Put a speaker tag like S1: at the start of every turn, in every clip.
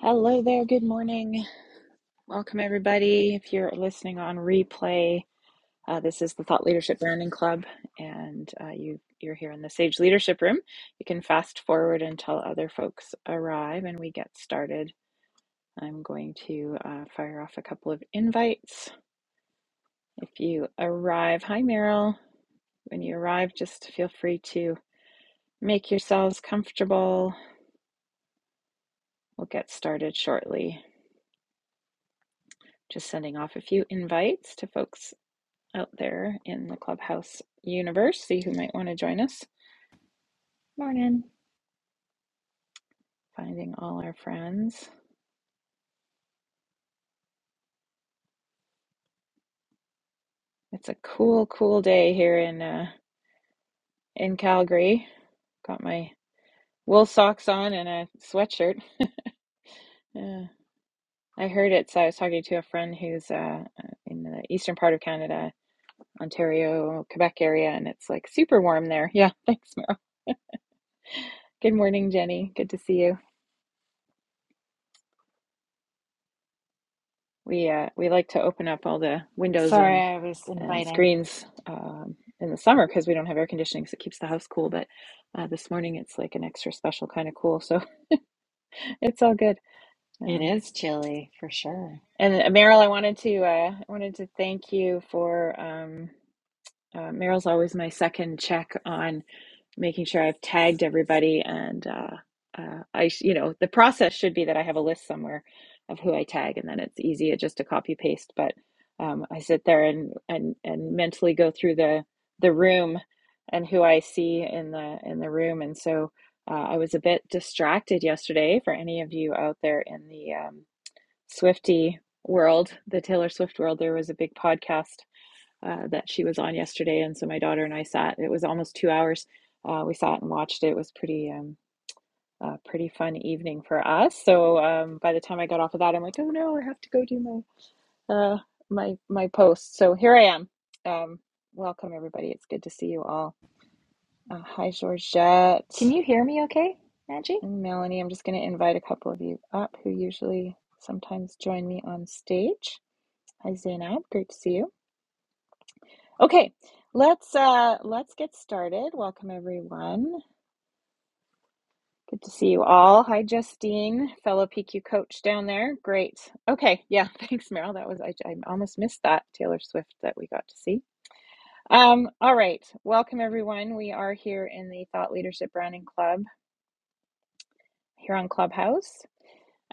S1: Hello there. Good morning. Welcome, everybody. If you're listening on replay, uh, this is the Thought Leadership Branding Club, and uh, you you're here in the Sage Leadership Room. You can fast forward until other folks arrive, and we get started. I'm going to uh, fire off a couple of invites. If you arrive, hi Meryl. When you arrive, just feel free to make yourselves comfortable. We'll get started shortly. Just sending off a few invites to folks out there in the clubhouse universe. See who might want to join us.
S2: Morning.
S1: Finding all our friends. It's a cool, cool day here in uh, in Calgary. Got my wool socks on and a sweatshirt. Yeah. I heard it. So I was talking to a friend who's uh, in the eastern part of Canada, Ontario, Quebec area, and it's like super warm there. Yeah, thanks, Meryl. Good morning, Jenny. Good to see you. We uh, we like to open up all the windows
S2: Sorry,
S1: and
S2: I was
S1: and
S2: inviting.
S1: screens um, in the summer because we don't have air conditioning, so it keeps the house cool. But uh, this morning it's like an extra special kind of cool, so it's all good.
S2: It
S1: Um,
S2: is chilly for sure.
S1: and uh, Meryl, I wanted to uh, I wanted to thank you for um, uh, Meryl's always my second check on. making sure I've tagged everybody and uh, uh, I sh- you know the process should be that I have a list somewhere of who I tag and then it's easy just to copy paste but um, I sit there and, and and mentally go through the the room and who I see in the in the room and so uh, I was a bit distracted yesterday for any of you out there in the um, Swifty world the Taylor Swift world there was a big podcast uh, that she was on yesterday, and so my daughter and I sat. It was almost two hours. Uh, we sat and watched it. It was pretty um, a pretty fun evening for us. So um, by the time I got off of that, I'm like, oh no, I have to go do my uh, my my post. So here I am. Um, welcome everybody. It's good to see you all. Uh, hi Georgette
S2: Can you hear me okay, Angie?
S1: and Melanie. I'm just going to invite a couple of you up who usually sometimes join me on stage. Hi Zainab, great to see you. Okay, let's uh let's get started. Welcome everyone. Good to see you all. Hi Justine, fellow PQ coach down there. Great. Okay, yeah, thanks Meryl. That was I, I almost missed that Taylor Swift that we got to see. Um all right. Welcome everyone. We are here in the Thought Leadership Branding Club here on Clubhouse.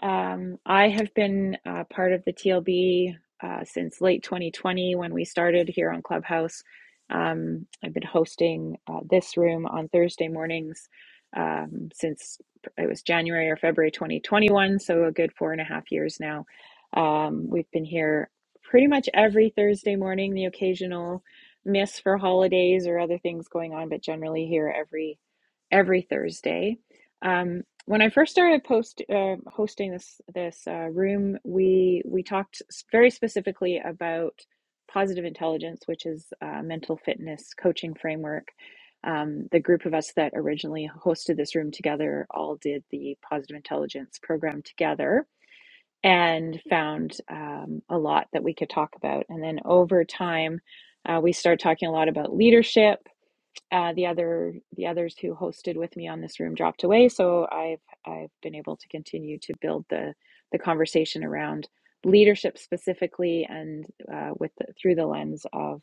S1: Um, I have been uh, part of the TLB uh, since late 2020 when we started here on Clubhouse. Um, I've been hosting uh, this room on Thursday mornings um, since it was January or February 2021, so a good four and a half years now. Um, we've been here pretty much every Thursday morning, the occasional miss for holidays or other things going on, but generally here every every Thursday. Um, when I first started post uh, hosting this this uh, room, we we talked very specifically about positive intelligence, which is a mental fitness coaching framework. Um, the group of us that originally hosted this room together all did the positive intelligence program together and found um, a lot that we could talk about. And then over time, uh, we started talking a lot about leadership uh, the other the others who hosted with me on this room dropped away, so I've I've been able to continue to build the the conversation around leadership specifically, and uh, with the, through the lens of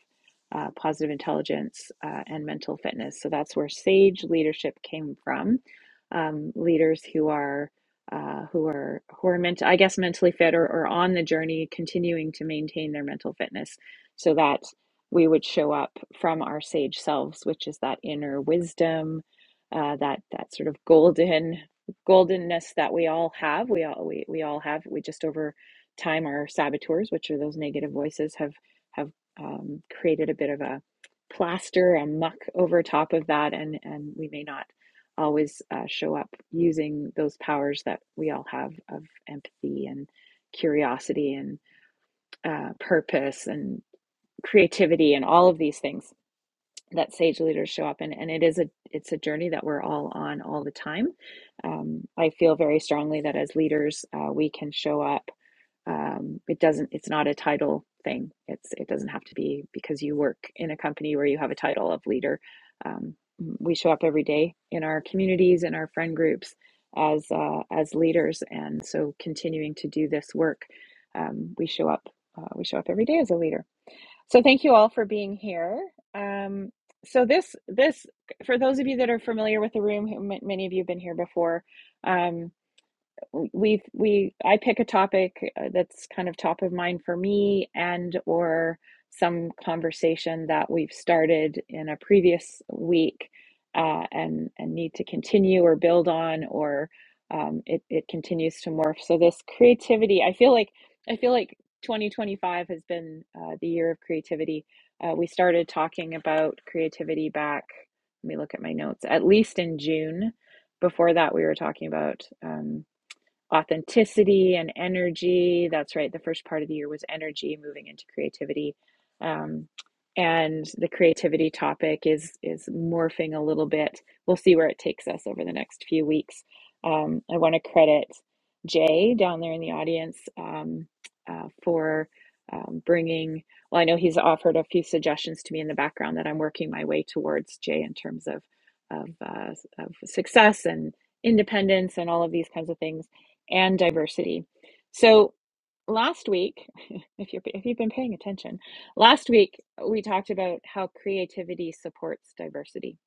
S1: uh, positive intelligence uh, and mental fitness. So that's where Sage leadership came from. Um, leaders who are uh, who are who are meant, I guess, mentally fit or, or on the journey, continuing to maintain their mental fitness. So that we would show up from our sage selves, which is that inner wisdom, uh, that that sort of golden goldenness that we all have. We all we, we all have. We just over time our saboteurs, which are those negative voices, have have um, created a bit of a plaster, a muck over top of that, and and we may not always uh, show up using those powers that we all have of empathy and curiosity and uh, purpose and creativity and all of these things that sage leaders show up in and it is a it's a journey that we're all on all the time um, i feel very strongly that as leaders uh, we can show up um, it doesn't it's not a title thing it's it doesn't have to be because you work in a company where you have a title of leader um, we show up every day in our communities in our friend groups as uh, as leaders and so continuing to do this work um, we show up uh, we show up every day as a leader so thank you all for being here. Um, so this this for those of you that are familiar with the room, many of you have been here before. um, we we I pick a topic uh, that's kind of top of mind for me and or some conversation that we've started in a previous week uh, and and need to continue or build on or um, it it continues to morph. So this creativity, I feel like I feel like 2025 has been uh, the year of creativity. Uh, we started talking about creativity back. Let me look at my notes. At least in June. Before that, we were talking about. um authenticity and energy. That's right. The first part of the year was energy, moving into creativity. Um, and the creativity topic is is morphing a little bit. We'll see where it takes us over the next few weeks. Um, I want to credit Jay down there in the audience um, uh, for um, bringing. Well, I know he's offered a few suggestions to me in the background that I'm working my way towards Jay in terms of of, uh, of success and independence and all of these kinds of things and diversity. So last week, if you're if you've been paying attention, last week we talked about how creativity supports diversity.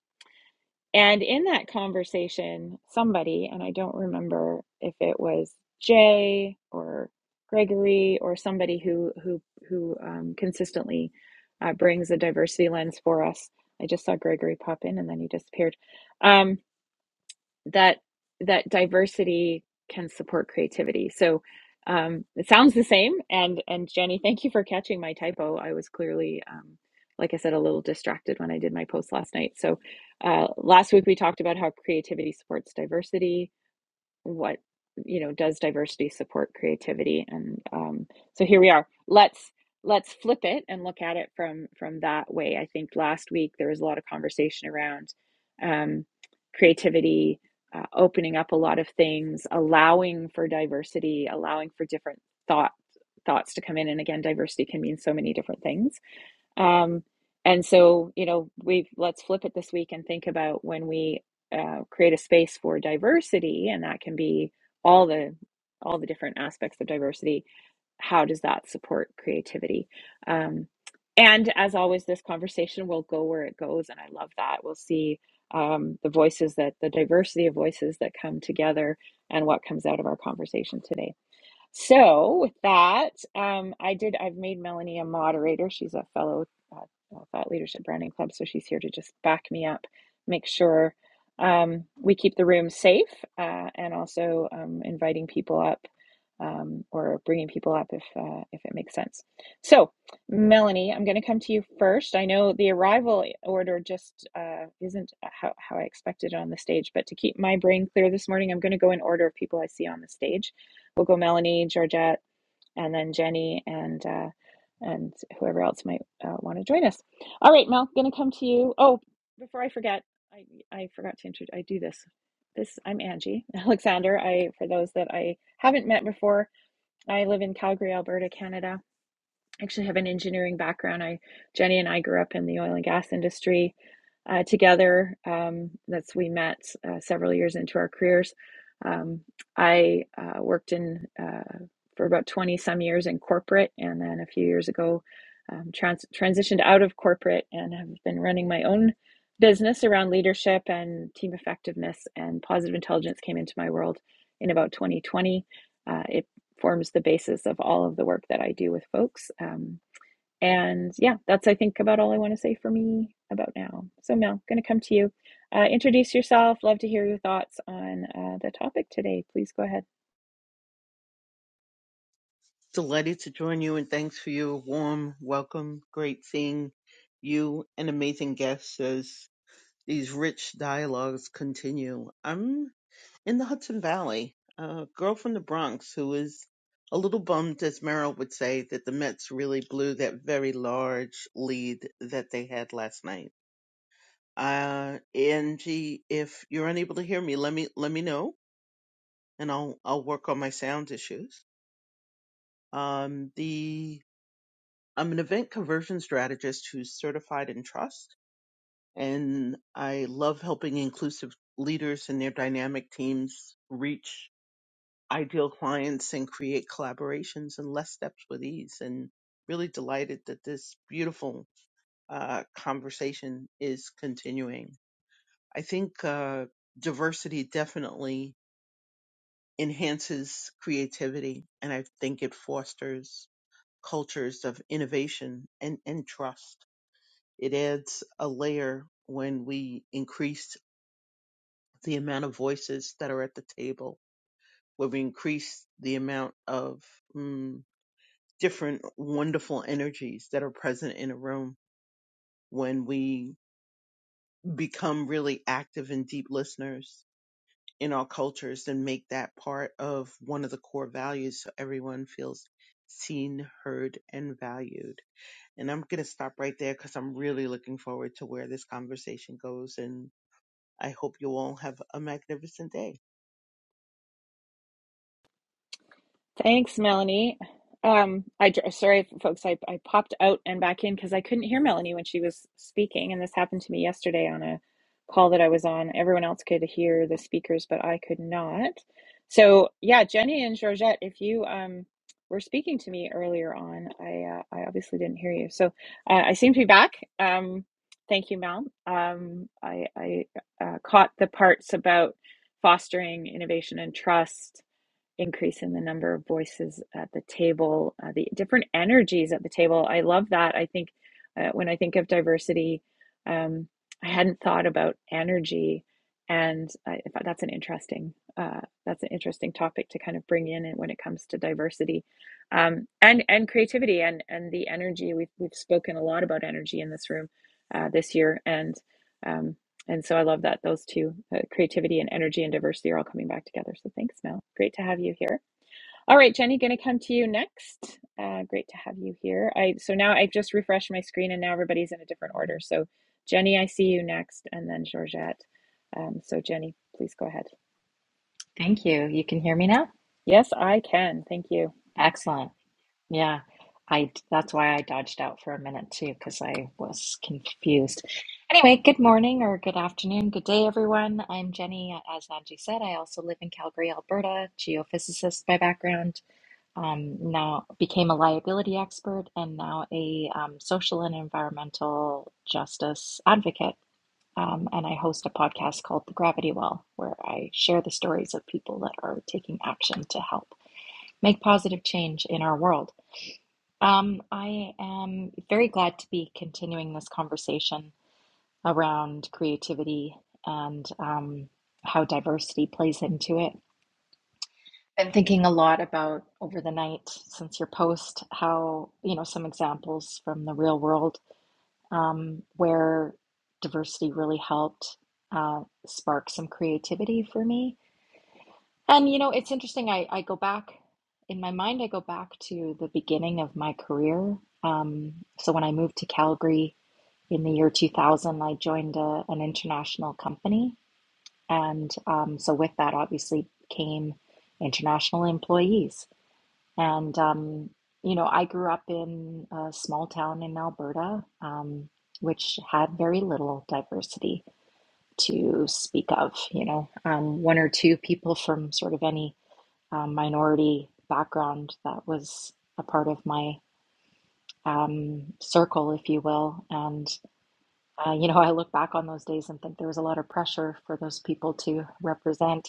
S1: And in that conversation, somebody, and I don't remember if it was Jay or Gregory or somebody who who who um, consistently uh, brings a diversity lens for us. I just saw Gregory pop in and then he disappeared. Um that that diversity can support creativity. So um, it sounds the same. And and Jenny, thank you for catching my typo. I was clearly, um, like I said, a little distracted when I did my post last night. So uh, last week we talked about how creativity supports diversity what you know does diversity support creativity and um, so here we are let's let's flip it and look at it from from that way i think last week there was a lot of conversation around um, creativity uh, opening up a lot of things allowing for diversity allowing for different thought thoughts to come in and again diversity can mean so many different things um, and so, you know, we've let's flip it this week and think about when we uh, create a space for diversity, and that can be all the all the different aspects of diversity. How does that support creativity? Um, and as always, this conversation will go where it goes, and I love that. We'll see um, the voices that the diversity of voices that come together and what comes out of our conversation today. So with that, um, I did. I've made Melanie a moderator. She's a fellow uh, uh, thought leadership branding club, so she's here to just back me up, make sure um, we keep the room safe, uh, and also um, inviting people up um, or bringing people up if uh, if it makes sense. So, Melanie, I'm going to come to you first. I know the arrival order just uh, isn't uh, how, how I expected it on the stage, but to keep my brain clear this morning, I'm going to go in order of people I see on the stage we'll go Melanie, Georgette, and then Jenny and uh, and whoever else might uh, want to join us. All right, Mel, going to come to you. Oh, before I forget, I I forgot to introduce. I do this. This I'm Angie Alexander. I for those that I haven't met before, I live in Calgary, Alberta, Canada actually have an engineering background. I Jenny and I grew up in the oil and gas industry uh, together. Um, that's we met uh, several years into our careers. Um, I uh, worked in uh, for about twenty some years in corporate, and then a few years ago um, trans- transitioned out of corporate and have been running my own business around leadership and team effectiveness and positive intelligence came into my world in about 2020. Uh, it forms the basis of all of the work that I do with folks. Um, and yeah, that's I think about all I want to say for me about now. So Mel, going to come to you. Uh, introduce yourself. Love to hear your thoughts on uh, the topic today. Please go ahead.
S3: Delighted to join you and thanks for your warm welcome. Great seeing you and amazing guests as these rich dialogues continue. I'm in the Hudson Valley, a girl from the Bronx who is a little bummed, as Merrill would say, that the Mets really blew that very large lead that they had last night. Uh, Angie, if you're unable to hear me, let me let me know, and I'll I'll work on my sound issues. Um, the I'm an event conversion strategist who's certified in trust, and I love helping inclusive leaders and their dynamic teams reach ideal clients and create collaborations in less steps with ease. And really delighted that this beautiful uh, conversation is continuing. I think uh, diversity definitely enhances creativity, and I think it fosters cultures of innovation and, and trust It adds a layer when we increase the amount of voices that are at the table, when we increase the amount of mm, different wonderful energies that are present in a room, when we become really active and deep listeners in our cultures and make that part of one of the core values so everyone feels seen, heard, and valued. And I'm going to stop right there because I'm really looking forward to where this conversation goes. and. I hope you all have a magnificent day.
S1: Thanks, Melanie. Um, I dr- sorry, folks. I, I popped out and back in because I couldn't hear Melanie when she was speaking, and this happened to me yesterday on a call that I was on. Everyone else could hear the speakers, but I could not. So yeah, Jenny and Georgette, if you um were speaking to me earlier on, I uh, I obviously didn't hear you. So uh, I seem to be back. Um, thank you, Mel. Um, I I uh, caught the parts about fostering innovation and trust increase in the number of voices at the table, uh, the different energies at the table. I love that. I think uh, when I think of diversity, um, I hadn't thought about energy, and I, thought that's an interesting uh, that's an interesting topic to kind of bring in and when it comes to diversity, um, and and creativity and and the energy. We've we've spoken a lot about energy in this room uh, this year, and. um, and so I love that those two, uh, creativity and energy and diversity, are all coming back together. So thanks, Mel. Great to have you here. All right, Jenny, going to come to you next. Uh, great to have you here. I so now I've just refreshed my screen, and now everybody's in a different order. So Jenny, I see you next, and then Georgette. Um, so Jenny, please go ahead.
S2: Thank you. You can hear me now?
S1: Yes, I can. Thank you.
S2: Excellent. Yeah. I that's why I dodged out for a minute too, because I was confused. Anyway, good morning or good afternoon, good day, everyone. I'm Jenny. As Angie said, I also live in Calgary, Alberta, geophysicist by background. Um, now became a liability expert and now a um, social and environmental justice advocate. Um, and I host a podcast called The Gravity Well, where I share the stories of people that are taking action to help make positive change in our world. Um, I am very glad to be continuing this conversation around creativity and um, how diversity plays into it. Been thinking a lot about over the night since your post how, you know, some examples from the real world um, where diversity really helped uh, spark some creativity for me. And you know, it's interesting. I, I go back in my mind. I go back to the beginning of my career. Um, so when I moved to Calgary in the year 2000, I joined a, an international company, and um, so with that, obviously, came international employees. And, um, you know, I grew up in a small town in Alberta, um, which had very little diversity to speak of, you know, um, one or two people from sort of any um, minority background that was a part of my um, circle, if you will. And, uh, you know, I look back on those days and think there was a lot of pressure for those people to represent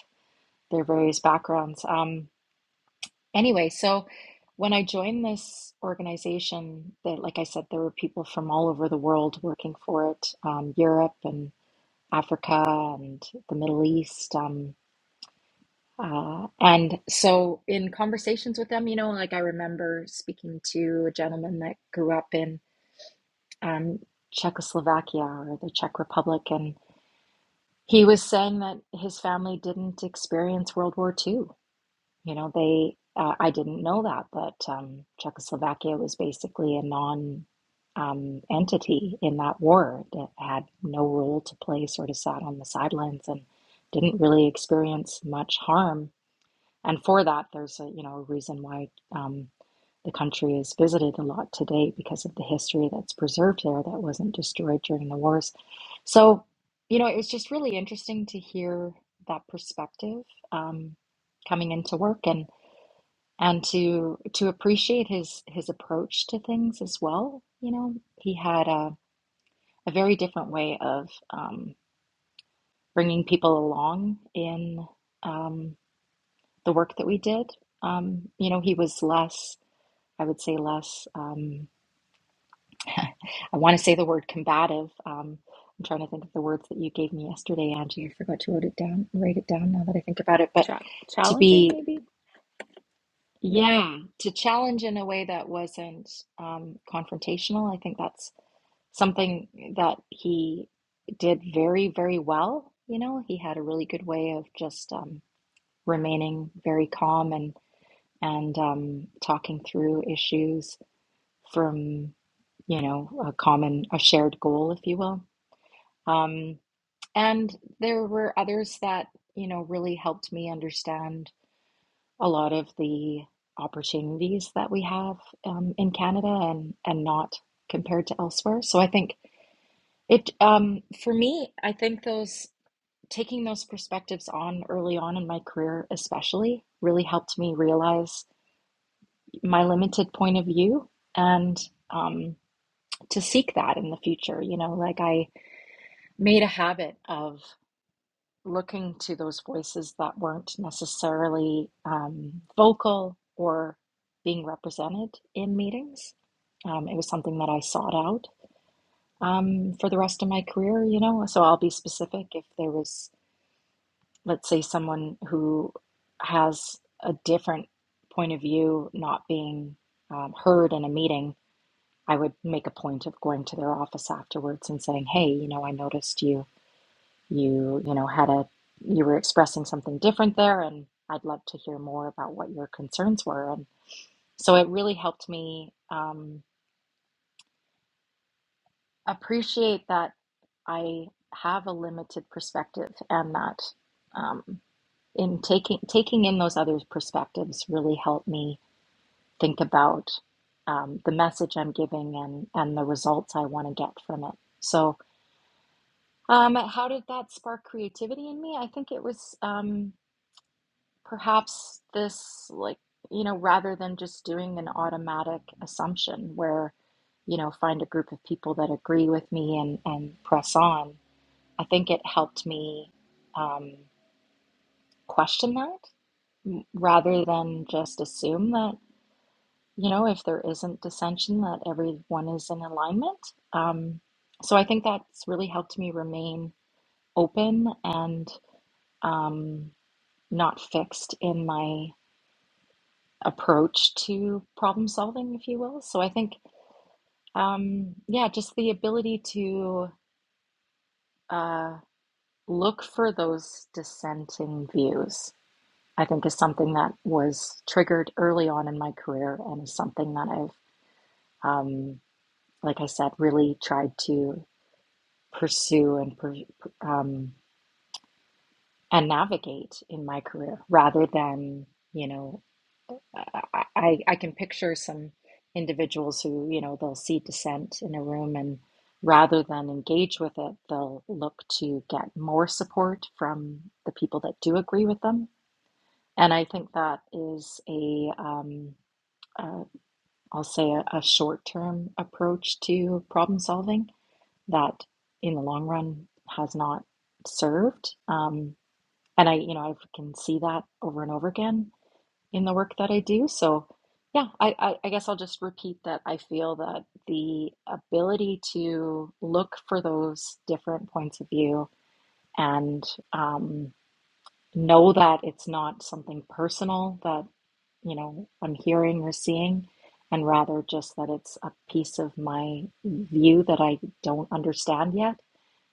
S2: their various backgrounds. Um, Anyway, so when I joined this organization, that like I said, there were people from all over the world working for it, um, Europe and Africa and the Middle East. Um, uh, and so in conversations with them, you know, like I remember speaking to a gentleman that grew up in um, Czechoslovakia or the Czech Republic, and he was saying that his family didn't experience World War II You know, they, uh, I didn't know that, that um, Czechoslovakia was basically a non um, entity in that war that had no role to play, sort of sat on the sidelines and didn't really experience much harm. And for that, there's a, you know, a reason why um, the country is visited a lot today because of the history that's preserved there that wasn't destroyed during the wars. So, you know, it was just really interesting to hear that perspective um, coming into work. And and to to appreciate his his approach to things as well. You know, he had a, a very different way of um, bringing people along in um, the work that we did. Um, you know, he was less, I would say, less. Um, I want to say the word combative. Um, I'm trying to think of the words that you gave me yesterday, Angie. I forgot to write it down. Write it down now that I think about it, but
S1: Cha-
S2: to
S1: challenging,
S2: be
S1: maybe. Yeah.
S2: yeah to challenge in a way that wasn't um, confrontational i think that's something that he did very, very well. You know, he had a really good way of just um, remaining very calm and and um, talking through issues from, you know, a common, a shared goal, if you will. Um, and there were others that, you know, really helped me understand a lot of the opportunities that we have um, in Canada and and not compared to elsewhere. So I think It um for me, I think those taking those perspectives on early on in my career especially really helped me realize my limited point of view and um to seek that in the future, you know, like I made a habit of looking to those voices that weren't necessarily um, vocal or being represented in meetings. Um, it was something that I sought out um, for the rest of my career, you know. So I'll be specific if there was let's say someone who has a different point of view not being um, heard in a meeting, I would make a point of going to their office afterwards and saying, "Hey, you know, I noticed you you you know had a you were expressing something different there, and I'd love to hear more about what your concerns were." And so it really helped me um, appreciate that I have a limited perspective and that. Um, in taking taking in those other perspectives really helped me think about um, the message I'm giving and and the results I want to get from it. So, um, how did that spark creativity in me? I think it was um, perhaps this like you know rather than just doing an automatic assumption where you know find a group of people that agree with me and and press on. I think it helped me um, question that rather than just assume that you know, if there isn't dissension, that everyone is in alignment. Um, so I think that's really helped me remain open and um, not fixed in my approach to problem solving, if you will. So I think, um, yeah, just the ability to uh, look for those dissenting views, I think, is something that was triggered early on in my career and is something that I've um, like I said, really tried to pursue and per, um, and navigate in my career rather than you know I, I I can picture some individuals who you know they'll see dissent in a room and rather than engage with it they'll look to get more support from the people that do agree with them and I think that is a um, uh, I'll say a, a short-term approach to problem solving that in the long run has not served. Um, and I, you know, I can see that over and over again in the work that I do. So, yeah, I, I, I guess I'll just repeat that I feel that the ability to look for those different points of view and, um, know that it's not something personal that you know I'm hearing or seeing, and rather just that it's a piece of my view that I don't understand yet,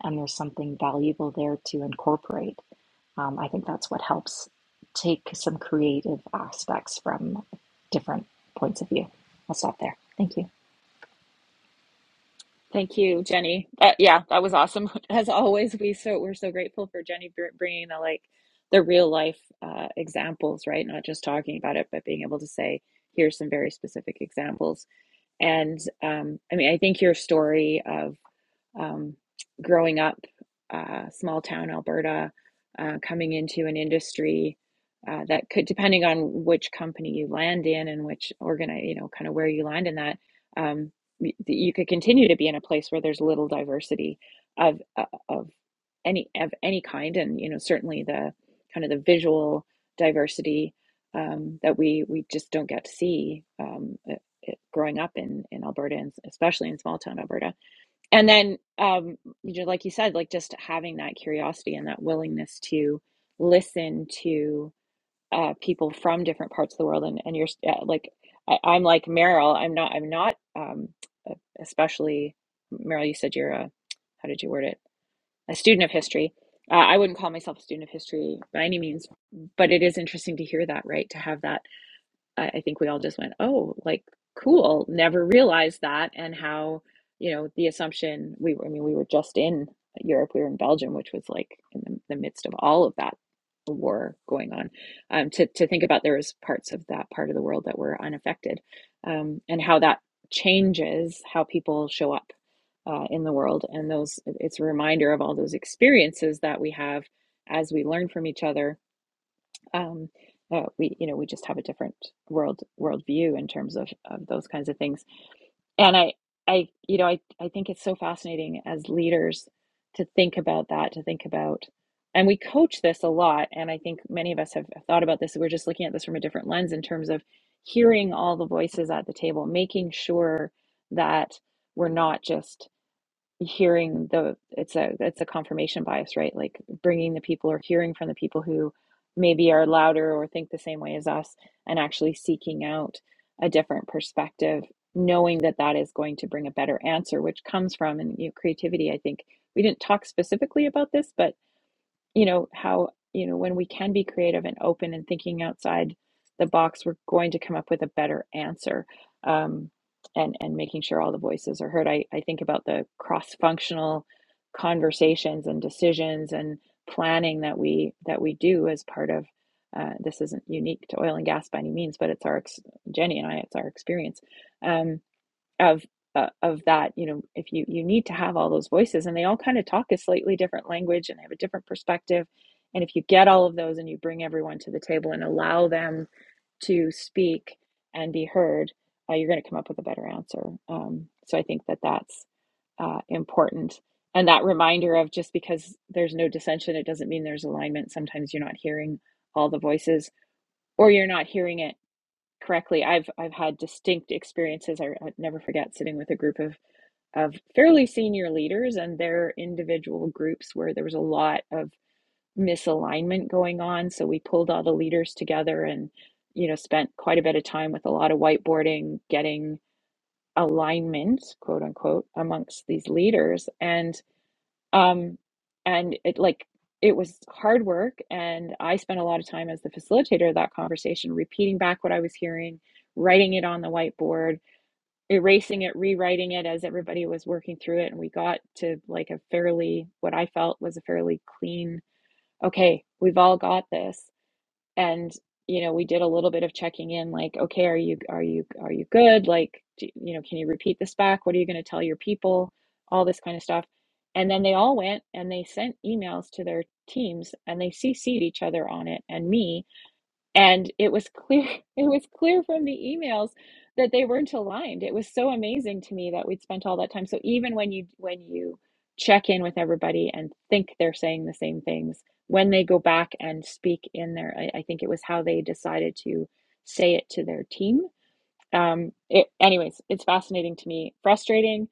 S2: and there's something valuable there to incorporate. Um, I think that's what helps take some creative aspects from different points of view. I'll stop there. Thank you.
S1: Thank you, Jenny. Uh, yeah, that was awesome. As always, we so we're so grateful for Jenny br- bringing the like the real life uh, examples, right? Not just talking about it, but being able to say, "Here's some very specific examples." And um, I mean, I think your story of um, growing up, uh, small town Alberta, uh, coming into an industry uh, that could, depending on which company you land in and which organize, you know, kind of where you land in that, um, y- you could continue to be in a place where there's little diversity of uh, of any of any kind, and you know, certainly the kind of the visual diversity um, that we we just don't get to see um, uh, uh, growing up in in Alberta, and especially in small town Alberta and then um you know like you said like just having that curiosity and that willingness to listen to uh people from different parts of the world and and you're uh, like I, I'm like Meryl I'm not I'm not um e, especially Meryl you said you're a how did you word it a student of history uh, I wouldn't call myself a student of history by any means but it is interesting to hear that right to have that I, I think we all just went, oh, like cool, never realized that, and how you know the assumption we were. I mean, we were just in Europe, we were in Belgium, which was like in the, the midst of all of that war going on. Um, to to think about there was parts of that part of the world that were unaffected, um, and how that changes how people show up uh, in the world, and those it's a reminder of all those experiences that we have as we learn from each other um, uh, we you know we just have a different world worldview in terms of, of those kinds of things and i i you know I, I think it's so fascinating as leaders to think about that to think about and we coach this a lot and i think many of us have thought about this we're just looking at this from a different lens in terms of hearing all the voices at the table making sure that we're not just hearing the it's a it's a confirmation bias right like bringing the people or hearing from the people who maybe are louder or think the same way as us and actually seeking out a different perspective knowing that that is going to bring a better answer which comes from and you know, creativity i think we didn't talk specifically about this but you know how you know when we can be creative and open and thinking outside the box we're going to come up with a better answer um, and and making sure all the voices are heard i, I think about the cross functional conversations and decisions and planning that we that we do as part of uh, this isn't unique to oil and gas by any means but it's our jenny and i it's our experience Um, of uh, of that you know if you you need to have all those voices and they all kind of talk a slightly different language and have a different perspective and if you get all of those and you bring everyone to the table and allow them to speak and be heard uh, you're going to come up with a better answer um, so i think that that's uh, important and that reminder of just because there's no dissension it doesn't mean there's alignment sometimes you're not hearing all the voices or you're not hearing it correctly, I've I've had distinct experiences. I, I never forget sitting with a group of of fairly senior leaders and their individual groups where there was a lot of misalignment going on. So we pulled all the leaders together and you know spent quite a bit of time with a lot of whiteboarding, getting alignment, quote unquote, amongst these leaders. and. Um, and it like it was hard work, and I spent a lot of time as the facilitator of that conversation, repeating back what I was hearing, writing it on the whiteboard, erasing it, rewriting it as everybody was working through it, and we got to like a fairly what I felt was a fairly clean, okay, we've all got this and you know we did a little bit of checking in like okay are you are you are you good like do, you know can you repeat this back what are you going to tell your people all this kind of stuff and then they all went and they sent emails to their teams and they cc'd each other on it and me and it was clear it was clear from the emails that they weren't aligned it was so amazing to me that we'd spent all that time so even when you when you check in with everybody and think they're saying the same things when they go back and speak in their i, I think it was how they decided to say it to their team um it anyways it's fascinating to me frustrating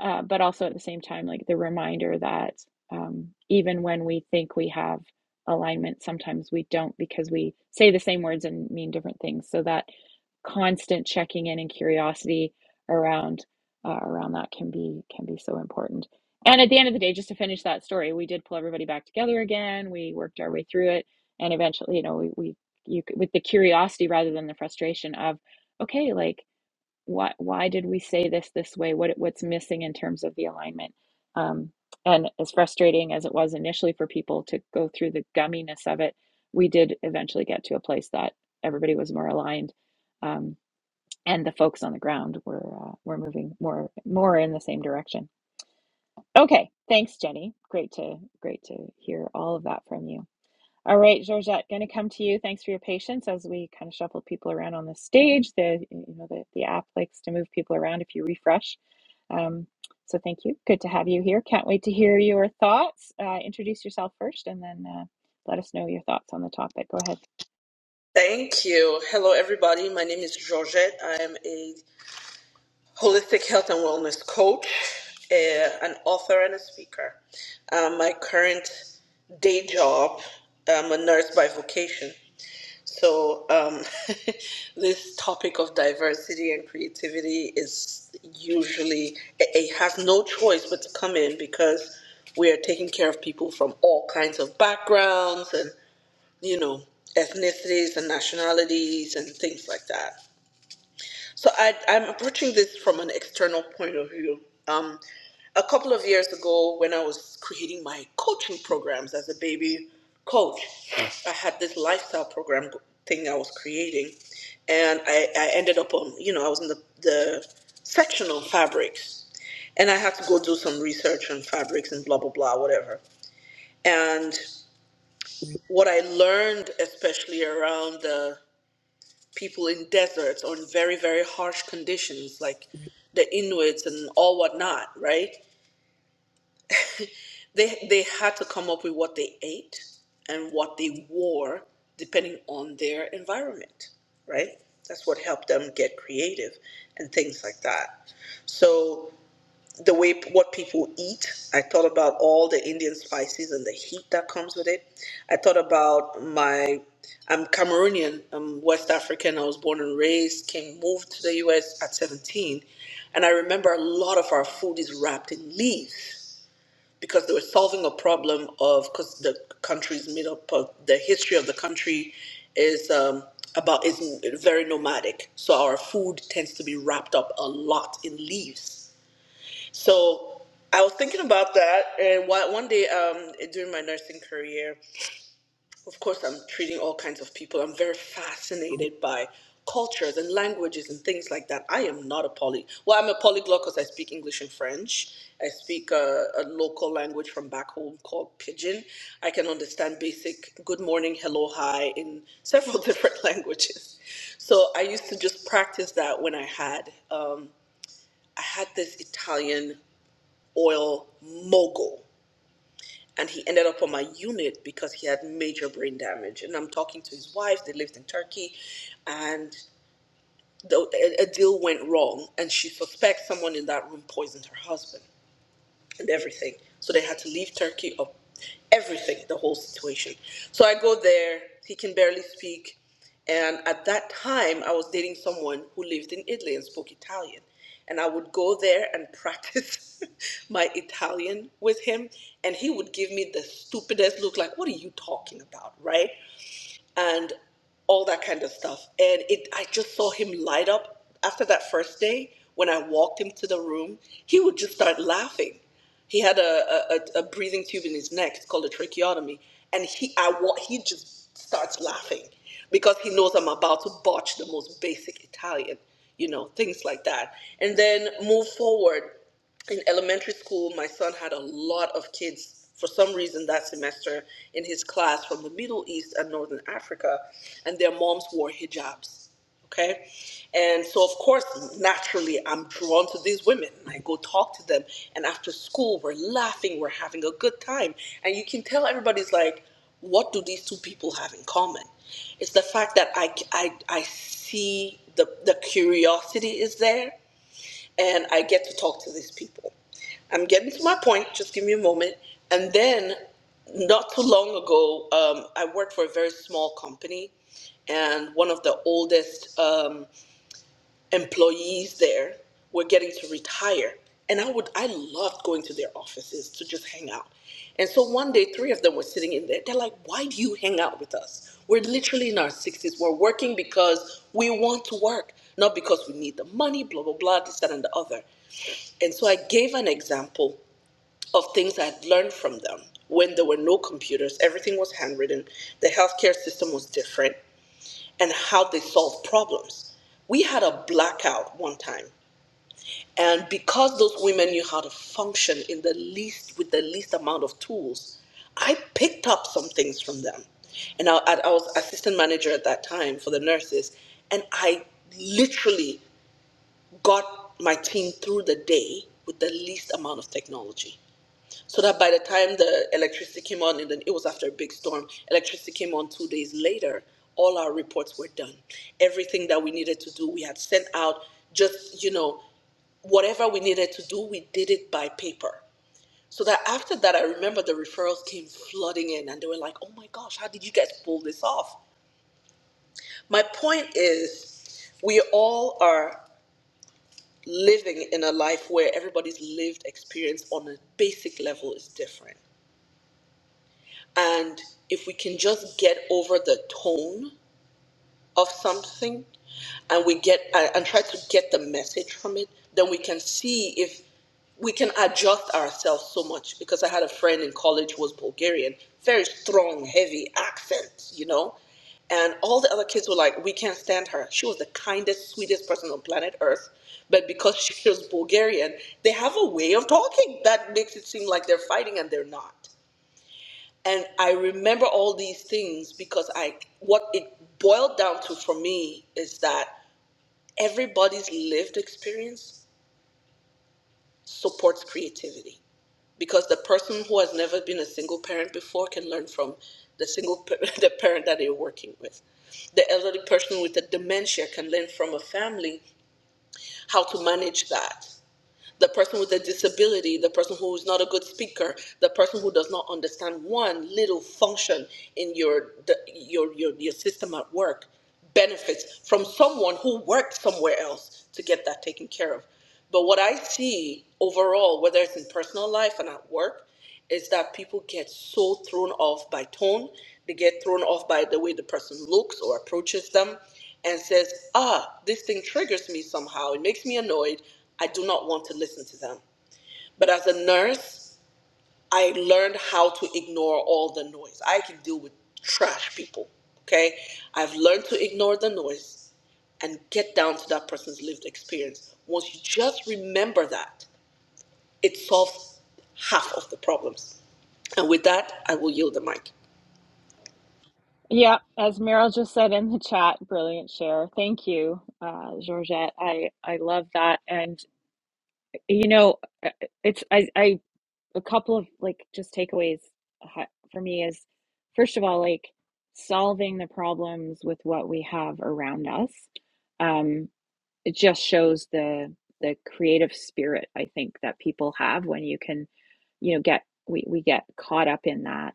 S1: uh, but also at the same time, like the reminder that um, even when we think we have alignment, sometimes we don't because we say the same words and mean different things. So that constant checking in and curiosity around uh, around that can be can be so important. And at the end of the day, just to finish that story, we did pull everybody back together again. We worked our way through it, and eventually, you know, we we you with the curiosity rather than the frustration of, okay, like why why did we say this this way what what's missing in terms of the alignment um, and as frustrating as it was initially for people to go through the gumminess of it we did eventually get to a place that everybody was more aligned um, and the folks on the ground were uh, were moving more more in the same direction okay thanks jenny great to great to hear all of that from you all right, Georgette, going to come to you. Thanks for your patience as we kind of shuffle people around on the stage. The you know the, the app likes to move people around if you refresh. Um, so thank you. Good to have you here. Can't wait to hear your thoughts. Uh, introduce yourself first, and then uh, let us know your thoughts on the topic. Go ahead.
S4: Thank you. Hello, everybody. My name is Georgette. I am a holistic health and wellness coach, eh, an author, and a speaker. Um, my current day job, I'm a nurse by vocation. So, um, this topic of diversity and creativity is usually, it it has no choice but to come in because we are taking care of people from all kinds of backgrounds and you know, ethnicities and nationalities and things like that. So I, I'm approaching this from an external point of view. Um, a couple of years ago, when I was creating my coaching programs as a baby coach, I had this lifestyle program thing I was creating, and I, I ended up on, you know, I was in the, the section on fabrics, and I had to go do some research on fabrics and blah, blah, blah, whatever. And what I learned, especially around the people in deserts or in very very harsh conditions like the inuits and all whatnot right they they had to come up with what they ate and what they wore depending on their environment right that's what helped them get creative and things like that so the way what people eat. I thought about all the Indian spices and the heat that comes with it. I thought about my I'm Cameroonian, I'm West African. I was born and raised, came moved to the US at 17, and I remember a lot of our food is wrapped in leaves because they were solving a problem of because the country is made up of the history of the country is um, about is very nomadic, so our food tends to be wrapped up a lot in leaves so I was thinking about that, and one one day um, during my nursing career, of course, I'm treating all kinds of people. I'm very fascinated by cultures and languages and things like that. I am not a poly. Well, I'm a polyglot because I speak English and French. I speak uh, a local language from back home called Pidgin. I can understand basic good morning, hello, hi in several different languages. So I used to just practice that when I had um, I had this Italian oil mogul. And he ended up on my unit because he had major brain damage. And I'm talking to his wife, they lived in Turkey, and the, a, a deal went wrong. And she suspects someone in that room poisoned her husband and everything. So they had to leave Turkey of everything, the whole situation. So I go there, he can barely speak. And at that time, I was dating someone who lived in Italy and spoke Italian. And I would go there and practice my Italian with him. And he would give me the stupidest look like, What are you talking about? Right? and all that kind of stuff. And it, I just saw him light up after that first day. When I walked him to the room, he would just start laughing. He had a, a, a breathing tube in his neck. It's called a tracheotomy, and he I wa- he just starts laughing because he knows I'm about to botch the most basic Italian, you know, things like that. And then move forward in elementary school, my son had a lot of kids for some reason that semester in his class from the Middle East and Northern Africa, and their moms wore hijabs. Okay. And so, of course, naturally, I'm drawn to these women. I go talk to them, and after school, we're laughing, we're having a good time. And you can tell everybody's like, what do these two people have in common? It's the fact that I, I, I see the, the curiosity is there, and I get to talk to these people. I'm getting to my point. Just give me a moment. And then, not too long ago, um, I worked for a very small company, and one of the oldest um, employees there were getting to retire. And I would, I loved going to their offices to just hang out. And so one day, three of them were sitting in there. They're like, "Why do you hang out with us? We're literally in our sixties. We're working because we want to work, not because we need the money." Blah blah blah. This that and the other. And so I gave an example of things I had learned from them when there were no computers, everything was handwritten, the healthcare system was different, and how they solved problems. We had a blackout one time, and because those women knew how to function in the least with the least amount of tools, I picked up some things from them. And I, I was assistant manager at that time for the nurses, and I literally got my team through the day with the least amount of technology so that by the time the electricity came on, and then it was after a big storm, electricity came on two days later. All our reports were done. Everything that we needed to do, we had sent out. Just you know, whatever we needed to do, we did it by paper. So that after that, I remember the referrals came flooding in, and they were like, "Oh my gosh, how did you guys pull this off?" My point is, we all are living in a life where everybody's lived experience on a basic level is different And if we can just get over the tone of something and we get uh, and try to get the message from it, then we can see if we can adjust ourselves so much. Because I had a friend in college who was Bulgarian, very strong, heavy accent, you know. And all the other kids were like, we can't stand her. She was the kindest, sweetest person on planet Earth. But because she was Bulgarian, they have a way of talking that makes it seem like they're fighting and they're not and I remember all these things because I what it boiled down to for me is that everybody's lived experience supports creativity because the person who has never been a single parent before can learn from the single pa- the parent that they're working with the elderly person with a dementia can learn from a family how to manage that the person with a disability, the person who is not a good speaker, the person who does not understand one little function in your the, your, your your system at work benefits from someone who worked somewhere else to get that taken care of. But what I see overall, whether it's in personal life and at work, is that people get so thrown off by tone, they get thrown off by the way the person looks or approaches them and says, ah, this thing triggers me somehow. It makes me annoyed. I do not want to listen to them. But as a nurse, I learned how to ignore all the noise. I can deal with trash people, okay? I've learned to ignore the noise and get down to that person's lived experience. Once you just remember that, it solves half of the problems. And with that, I will yield the mic.
S1: Yeah, as Meryl just said in the chat, brilliant share. Thank you, uh, Georgette. I I love that, and you know, it's I I a couple of like just takeaways for me is first of all like solving the problems with what we have around us um it just shows the the creative spirit i think that people have when you can you know get we we get caught up in that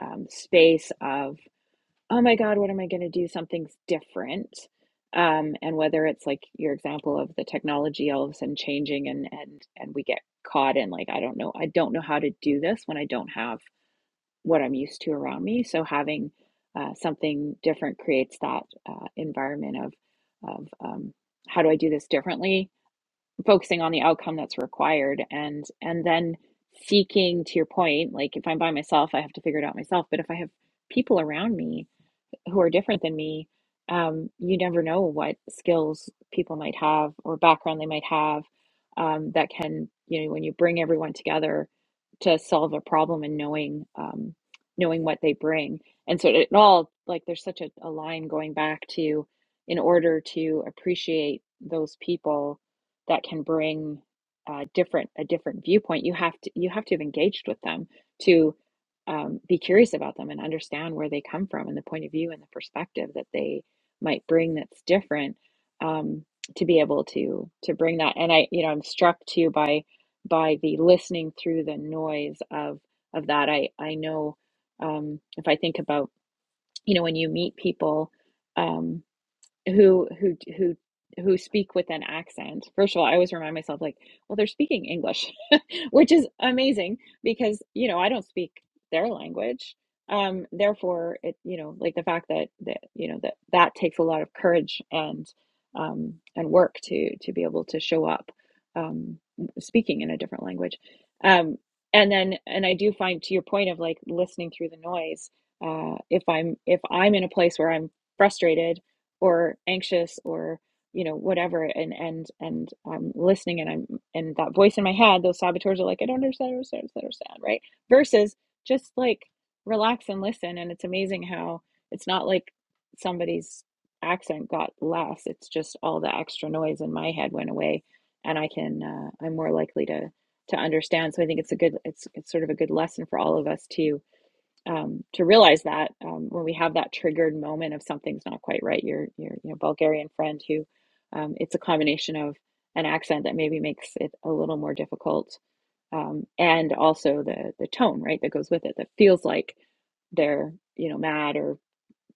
S1: um, space of oh my God, what am I going to do? Something's different. Um, and whether it's like your example of the technology all of a sudden changing and and and we get caught in like, I don't know, I don't know how to do this when I don't have what I'm used to around me. So having uh, something different creates that uh, environment of of um, how do I do this differently? Focusing on the outcome that's required and and then seeking to your point, like if I'm by myself, I have to figure it out myself. But if I have people around me, who are different than me, um, you never know what skills people might have or background they might have um, that can, you know, when you bring everyone together to solve a problem and knowing um, knowing what they bring. And so it all like there's such a, a line going back to in order to appreciate those people that can bring uh, different a different viewpoint, you have to you have to have engaged with them to um, be curious about them and understand where they come from and the point of view and the perspective that they might bring that's different um, to be able to to bring that and i you know i'm struck too by by the listening through the noise of of that i i know um, if i think about you know when you meet people um, who who who who speak with an accent. First of all, I always remind myself like, well, they're speaking English, which is amazing because, you know, I don't speak their language. Um, therefore, it, you know, like the fact that that you know that that takes a lot of courage and um and work to to be able to show up um speaking in a different language. Um and then and I do find to your point of like listening through the noise, uh if I'm if I'm in a place where I'm frustrated or anxious or you know whatever and and and i'm listening and i'm and that voice in my head those saboteurs are like i don't understand I don't understand, I don't understand right versus just like relax and listen and it's amazing how it's not like somebody's accent got less it's just all the extra noise in my head went away and i can uh, i'm more likely to to understand so i think it's a good it's it's sort of a good lesson for all of us too um, to realize that um, when we have that triggered moment of something's not quite right, your your you know Bulgarian friend who um, it's a combination of an accent that maybe makes it a little more difficult, um, and also the the tone right that goes with it that feels like they're you know mad or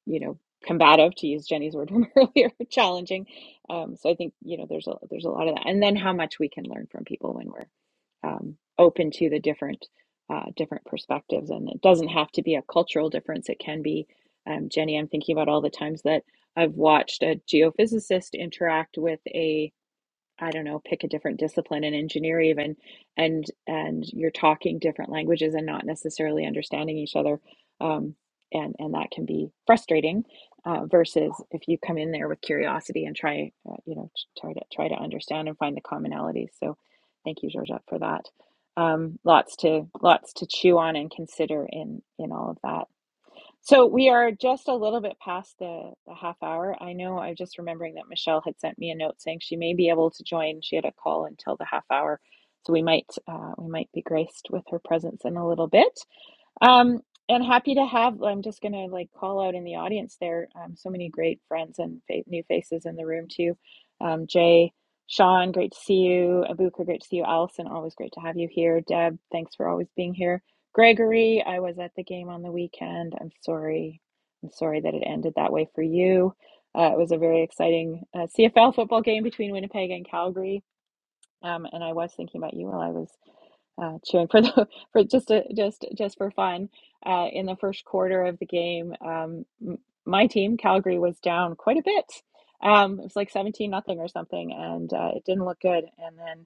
S1: you know combative to use Jenny's word from earlier, challenging. Um, so I think you know there's a there's a lot of that, and then how much we can learn from people when we're um, open to the different uh, different perspectives. And it doesn't have to be a cultural difference. It can be, um, Jenny. I'm thinking about all the times that I've watched a geophysicist interact with a I don't know, pick a different discipline in engineer even, and and you're talking different languages and not necessarily understanding each other, um, and and that can be frustrating. Uh, versus if you come in there with curiosity and try, uh, you know, t- try to try to understand and find the commonalities. So, thank you, Georgette, for that. Um, lots to lots to chew on and consider in in all of that. So we are just a little bit past the, the half hour. I know I'm just remembering that Michelle had sent me a note saying she may be able to join. She had a call until the half hour. So we might uh, we might be graced with her presence in a little bit. Um, and happy to have, I'm just gonna like call out in the audience there. Um, so many great friends and fa new faces in the room too. Um, Jay, Sean, great to see you. Abuka, great to see you. Allison, always great to have you here. Deb, thanks for always being here. Gregory, I was at the game on the weekend. I'm sorry. I'm sorry that it ended that way for you. Uh, it was a very exciting uh, CFL football game between Winnipeg and Calgary. Um, and I was thinking about you while I was uh, cheering for the for just to, just just for fun. Uh, in the first quarter of the game, um, m- my team Calgary was down quite a bit. Um, it was like seventeen nothing or something, and uh, it didn't look good. And then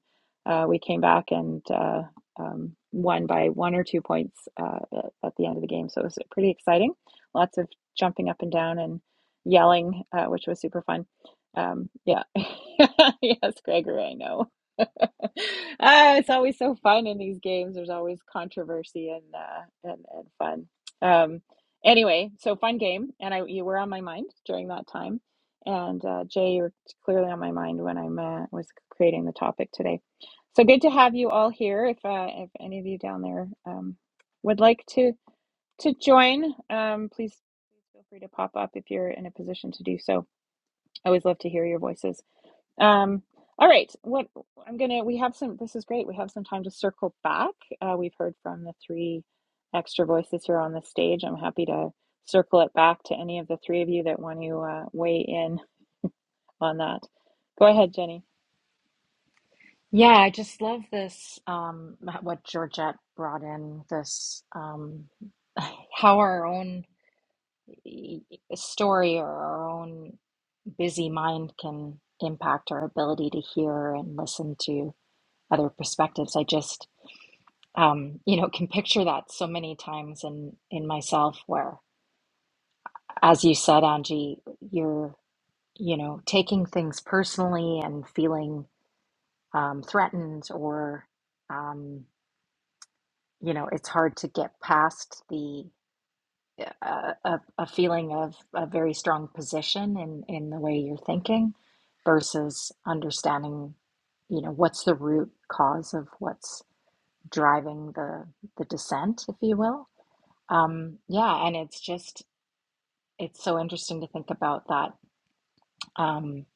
S1: uh, we came back and uh, um, won by one or two points uh, at, at the end of the game. So it was pretty exciting. Lots of jumping up and down and yelling, uh, which was super fun. Um, yeah, yes, Gregory, I know. ah, it's always so fun in these games. There's always controversy and uh, and and fun. Um, anyway, so fun game, and I you were on my mind during that time, and uh, Jay, you were clearly on my mind when I'm uh, was creating the topic today. So good to have you all here. If uh, if any of you down there um, would like to to join, um, please feel free to pop up if you're in a position to do so. I always love to hear your voices. Um, all right. What I'm gonna, we have some, this is great. We have some time to circle back. Uh, we've heard from the three extra voices here on the stage. I'm happy to circle it back to any of the three of you that want to uh, weigh in on that. Go ahead, Jenny.
S2: Yeah, I just love this. Um, what Georgette brought in this um, how our own A story or our own busy mind can impact our ability to hear and listen to other perspectives. I just, um, you know, can picture that so many times in in myself where, as you said, Angie, you're, you know, taking things personally and feeling um, threatened or, um, you know, it's hard to get past the a, a a feeling of a very strong position in, in the way you're thinking versus understanding, you know, what's the root cause of what's driving the, the dissent, if you will. Um, yeah, and it's just, it's so interesting to think about that. Um,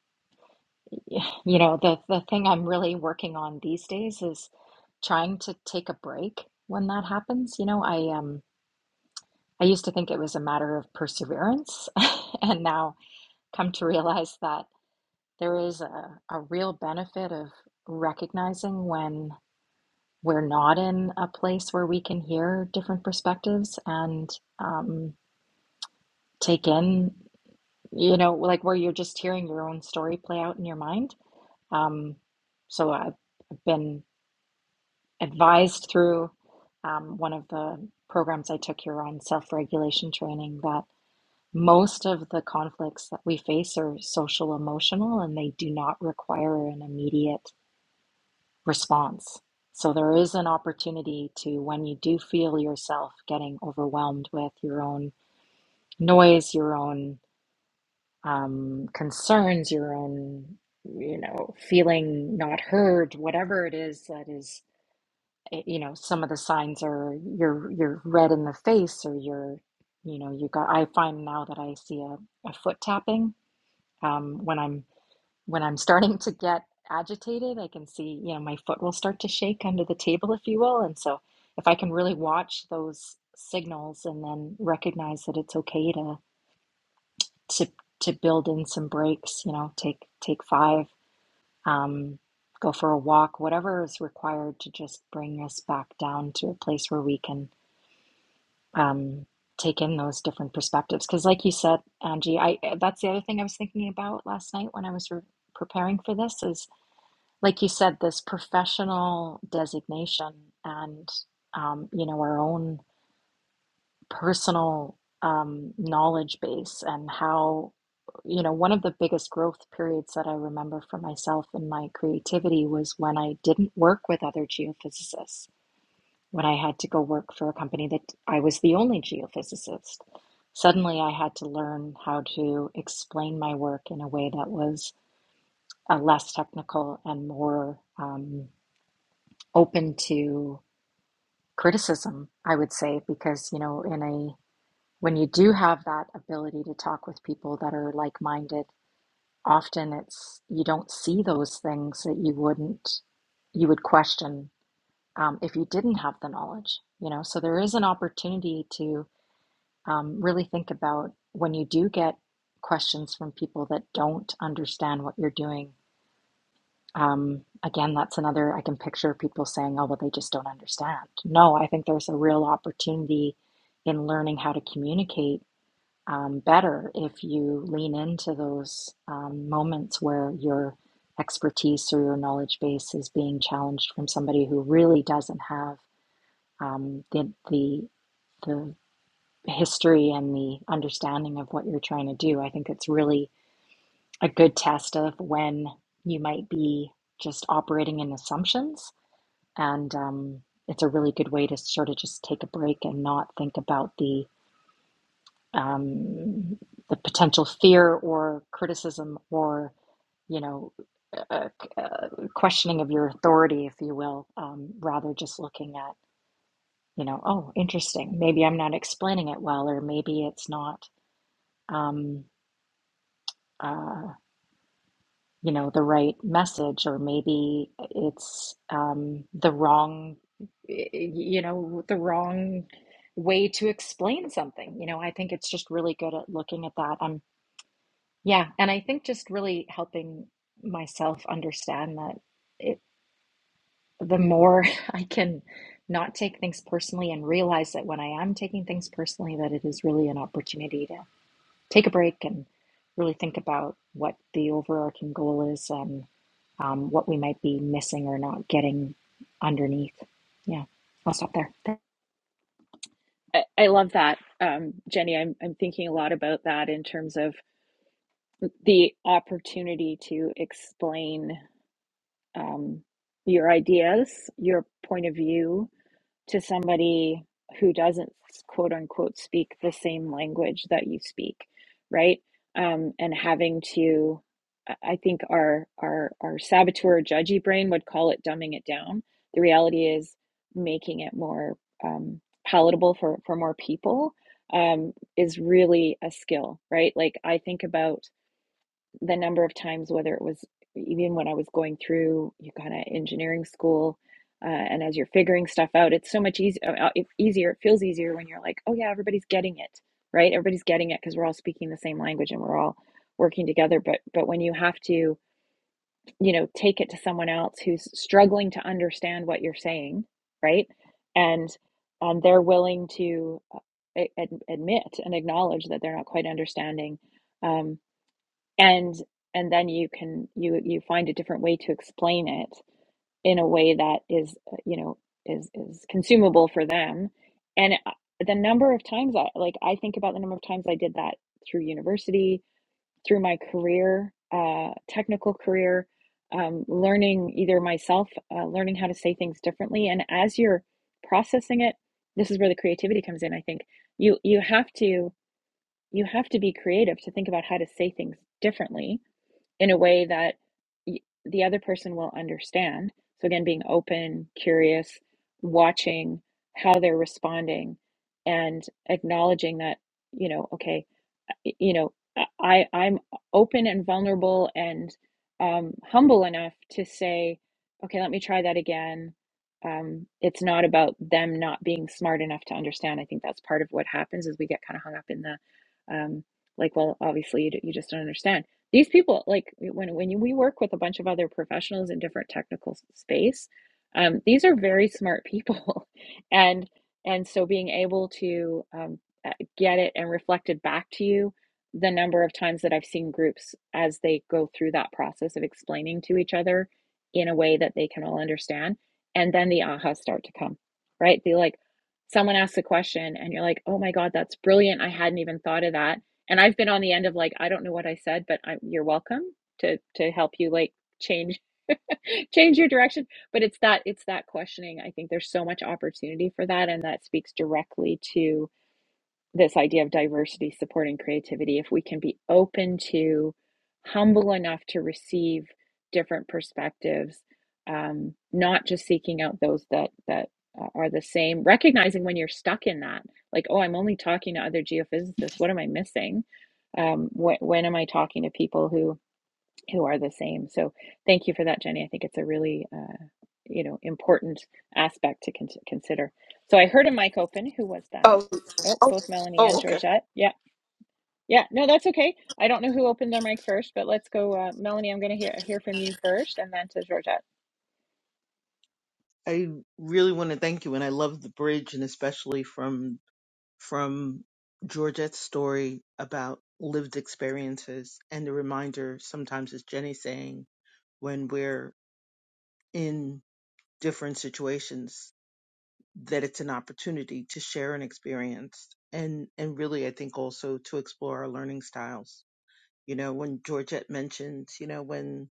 S2: you know, the, the thing I'm really working on these days is trying to take a break when that happens. You know, I, um, I used to think it was a matter of perseverance, and now come to realize that there is a, a real benefit of recognizing when we're not in a place where we can hear different perspectives and um, take in, you know, like where you're just hearing your own story play out in your mind. Um, so I've been advised through um, one of the programs I took here on self regulation training that Most of the conflicts that we face are social emotional and they do not require an immediate response. So there is an opportunity to, when you do feel yourself getting overwhelmed with your own noise, your own um, concerns, your own, you know, feeling not heard, whatever it is that is, eh, you know, some of the signs are you're you're red in the face or you're, you know, you got. I find now that I see a, a foot tapping um, when I'm when I'm starting to get agitated, I can see, you know, my foot will start to shake under the table, if you will. And so if I can really watch those signals and then recognize that it's okay to to to build in some breaks, you know, take take five, um, go for a walk, whatever is required to just bring us back down to a place where we can um, take in those different perspectives. Because, like you said, Angie, I eh, that's the other thing I was thinking about last night when I was re- preparing for this is, like you said, this professional designation and um, you know our own personal um, knowledge base and how you know one of the biggest growth periods that I remember for myself in my creativity was when I didn't work with other geophysicists when I had to go work for a company that I was the only geophysicist. Suddenly, I had to learn how to explain my work in a way that was uh, less technical and more um, open to criticism, I would say, because, you know, in a when you do have that ability to talk with people that are like-minded, often it's you don't see those things that you wouldn't you would question um, if you didn't have the knowledge, you know. So there is an opportunity to um, really think about when you do get questions from people that don't understand what you're doing. Um, again, that's another, I can picture people saying, oh, well, they just don't understand. No, I think there's a real opportunity in learning how to communicate um, better if you lean into those um, moments where your expertise or your knowledge base is being challenged from somebody who really doesn't have um, the, the the history and the understanding of what you're trying to do. I think it's really a good test of when you might be just operating in assumptions. And um, it's a really good way to sort of just take a break and not think about the um, the potential fear or criticism or you know uh, uh, questioning of your authority, if you will, um, rather just looking at you know oh interesting maybe I'm not explaining it well or maybe it's not um, uh, you know the right message or maybe it's um, the wrong y- you know the wrong way to explain something you know i think it's just really good at looking at that um yeah and i think just really helping myself understand that it, the more i can not take things personally and realize that when i am taking things personally that it is really an opportunity take a break and really think about what the overarching goal is and um, what we might be missing or not getting underneath. Yeah, I'll stop there.
S1: I, I love that. Um, Jenny, I'm, I'm thinking a lot about that in terms of the opportunity to explain um, your ideas, your point of view, to somebody who doesn't quote unquote speak the same language that you speak right um, and having to i think our our our saboteur judgy brain would call it dumbing it down the reality is making it more um, palatable for for more people um, is really a skill right like i think about the number of times, whether it was even when I was going through you kind of engineering school, uh, and as you're figuring stuff out, it's so much easier. easier. It feels easier when you're like, oh yeah, everybody's getting it, right? Everybody's getting it because we're all speaking the same language and we're all working together. But but when you have to, you know, take it to someone else who's struggling to understand what you're saying, right? And um, they're willing to uh, ad- admit and acknowledge that they're not quite understanding. Um, and and then you can you you find a different way to explain it in a way that is uh, you know is is consumable for them and uh, the number of times i like i think about the number of times i did that through university through my career uh technical career um, learning either myself uh, learning how to say things differently and as you're processing it this is where the creativity comes in i think you you have to you have to be creative to think about how to say things differently in a way that the other person will understand. So, again, being open, curious, watching how they're responding, and acknowledging that, you know, okay, you know, uh, I, I'm open and vulnerable and um, humble enough to say, okay, let me try that again. Um, it's not about them not being smart enough to understand. I think that's part of what happens is we get kind of hung up in the, um, like, well, obviously you, you just don't understand these people, like when when we work with a bunch of other professionals in different technical space, um, these are very smart people, and and so being able to um, uh, get it and reflected back to you the number of times that I've seen groups as they go through that process of explaining to each other in a way that they can all understand, and then the ahas start to come, right? They like someone asks a question and you're like, oh my God, that's brilliant. I hadn't even thought of that and I've been on the end of like I don't know what I said, but I'm, you're welcome to to help you like change change your direction. But it's that it's that questioning. I think there's so much opportunity for that, and that speaks directly to this idea of diversity supporting creativity if we can be open to humble enough to receive different perspectives um, not just seeking out those that that uh, are the same recognizing when you're stuck in that like oh i'm only talking to other geophysicists what am i missing um, wh- when am i talking to people who who are the same. So thank you for that, Jenny. I think it's a really uh, you know important aspect to con- consider. So I heard a mic open. Who was that? Oh, both Melanie
S4: Oh,
S1: and Georgette. Yeah, yeah. No, that's okay. I don't know who opened their mic first, but let's go, uh, Melanie. I'm going to hear hear from you first, and then to Georgette.
S3: I really want to thank you, and I love the bridge, and especially from from Georgette's story about lived experiences and the reminder. Sometimes, as Jenny saying, when we're in different situations, that it's an opportunity to share an experience, and and really, I think also to explore our learning styles. You know, when Georgette mentioned, you know, when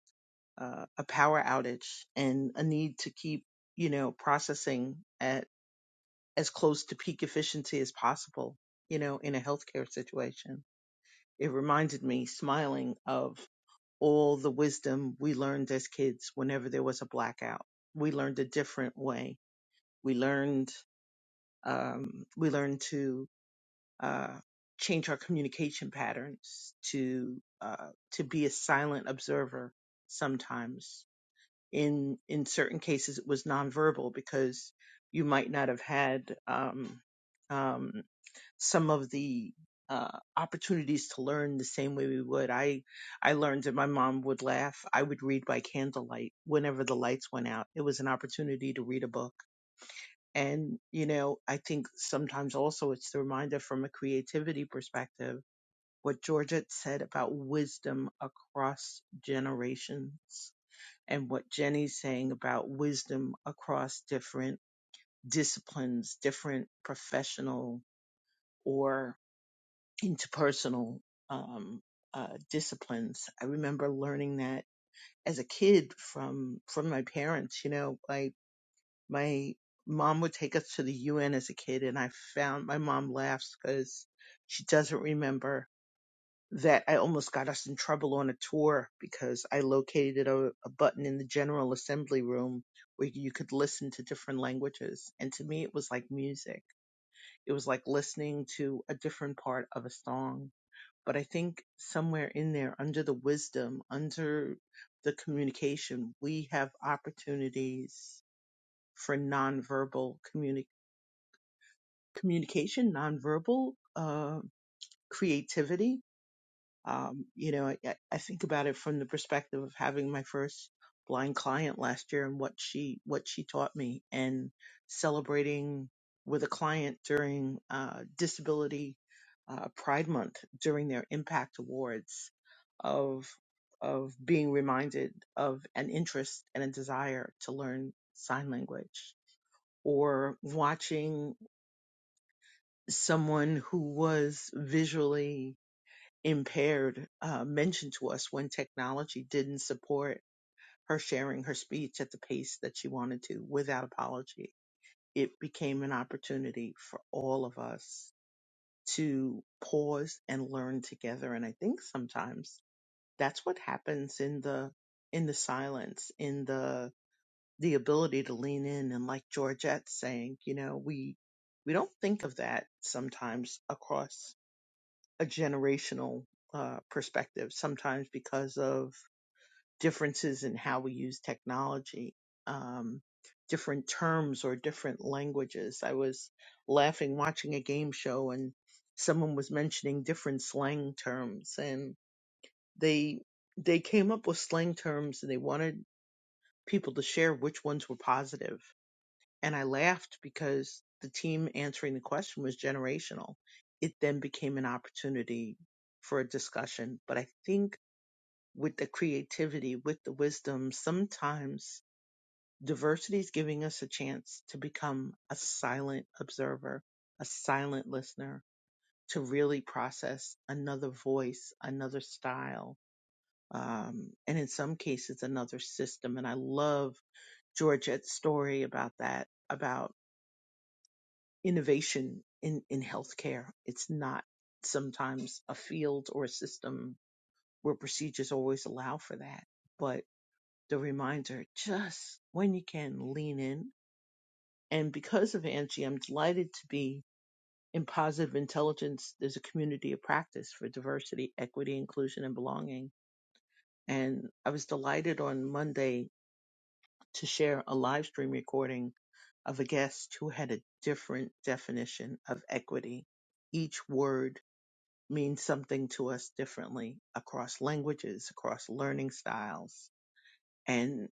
S3: uh, a power outage and a need to keep, you know, processing at as close to peak efficiency as possible, you know, in a healthcare situation. It reminded me, smiling, of all the wisdom we learned as kids whenever there was a blackout. We learned a different way. We learned, um, we learned to, uh, change our communication patterns to, uh, to be a silent observer sometimes in in certain cases it was nonverbal because you might not have had um, um, some of the uh, opportunities to learn the same way we would. I I learned that my mom would laugh. I would read by candlelight whenever the lights went out. It was an opportunity to read a book. And you know, I think sometimes also it's the reminder from a creativity perspective what Georgette said about wisdom across generations and what Jenny's saying about wisdom across different disciplines, different professional or interpersonal um, uh, disciplines. I remember learning that as a kid from from my parents. You know, like my mom would take us to the UN as a kid, and I found my mom laughs because she doesn't remember that I almost got us in trouble on a tour because I located a, a button in the General Assembly room where you could listen to different languages. And to me, it was like music. It was like listening to a different part of a song. But I think somewhere in there, under the wisdom, under the communication, we have opportunities for nonverbal communi- communication, nonverbal uh, creativity Um, you know, I, I think about it from the perspective of having my first blind client last year and what she what she taught me, and celebrating with a client during uh, Disability uh, Pride Month during their Impact Awards of of being reminded of an interest and a desire to learn sign language, or watching someone who was visually impaired uh, mentioned to us when technology didn't support her sharing her speech at the pace that she wanted to without apology. It became an opportunity for all of us to pause and learn together. And I think sometimes that's what happens in the, in the silence, in the, the ability to lean in. And like Georgette saying, you know, we, we don't think of that sometimes across a generational uh, perspective, sometimes because of differences in how we use technology, um, different terms or different languages. I was laughing watching a game show and someone was mentioning different slang terms and they they came up with slang terms and they wanted people to share which ones were positive and I laughed because the team answering the question was generational. It then became an opportunity for a discussion. But I think with the creativity, with the wisdom, sometimes diversity is giving us a chance to become a silent observer, a silent listener, to really process another voice, another style, um, and in some cases, another system. And I love Georgette's story about that, about innovation in, in healthcare. It's not sometimes a field or a system where procedures always allow for that. But the reminder, just when you can lean in. And because of Angie, I'm delighted to be in positive intelligence. There's a community of practice for diversity, equity, inclusion, and belonging. And I was delighted on Monday to share a live stream recording of a guest who had a different definition of equity. Each word means something to us differently across languages, across learning styles. And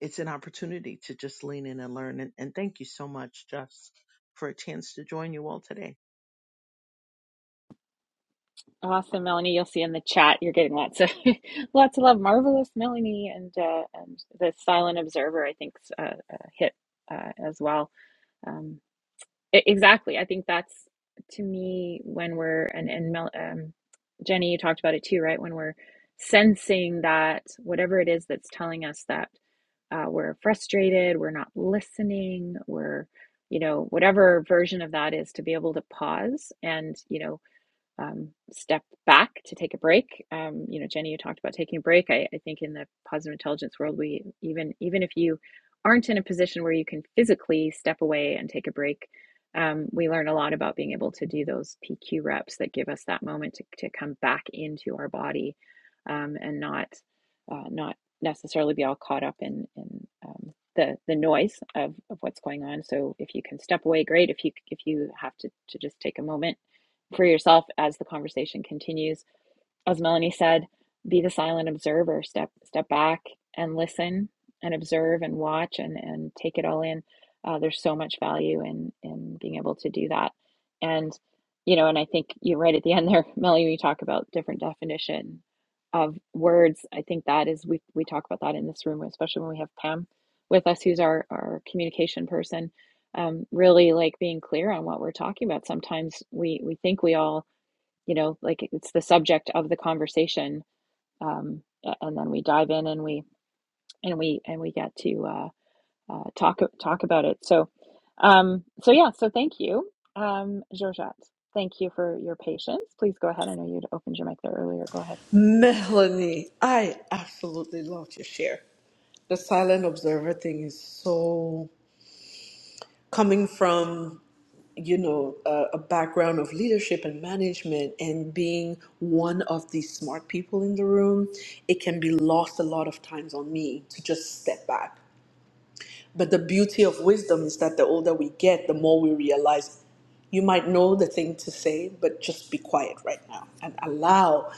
S3: it's an opportunity to just lean in and learn. And, and thank you so much, Jeffs, for a chance to join you all today.
S1: Awesome, Melanie. You'll see in the chat. You're getting lots of lots of love. Marvelous, Melanie, and uh, and the silent observer. I think's uh, uh, hit uh, as well. Um. E- Exactly. I think that's to me when we're and and Mel, um, Jenny, you talked about it too, right? When we're sensing that whatever it is that's telling us that uh, we're frustrated, we're not listening, we're you know whatever version of that is to be able to pause and you know um, step back to take a break. Um, you know, Jenny, you talked about taking a break. I, I think in the positive intelligence world, we even even if you aren't in a position where you can physically step away and take a break, um, we learn a lot about being able to do those PQ reps that give us that moment to, to come back into our body um, and not uh, not necessarily be all caught up in in um, the the noise of, of what's going on. So if you can step away, great. If you if you have to to just take a moment for yourself as the conversation continues as Melanie said, be the silent observer. Step step back and listen and observe and watch and and take it all in. Uh, there's so much value in in being able to do that. And you know, and I think you're right at the end there, Melanie. We talk about different definition of words. I think that is we we talk about that in this room, especially when we have Pam with us, who's our our communication person. Um, really like being clear on what we're talking about. Sometimes we we think we all you know like it's the subject of the conversation um, and then we dive in and we and we and we get to uh, uh, talk talk about it so um, so yeah so thank you um, Georgette thank you for your patience please go ahead I know you'd opened your mic there earlier go ahead
S4: Melanie, I absolutely loved your share. The silent observer thing is so coming from, you know, a, a background of leadership and management and being one of the smart people in the room, it can be lost a lot of times on me to just step back But the beauty of wisdom is that the older we get, the more we realize you might know the thing to say, but just be quiet right now and allow,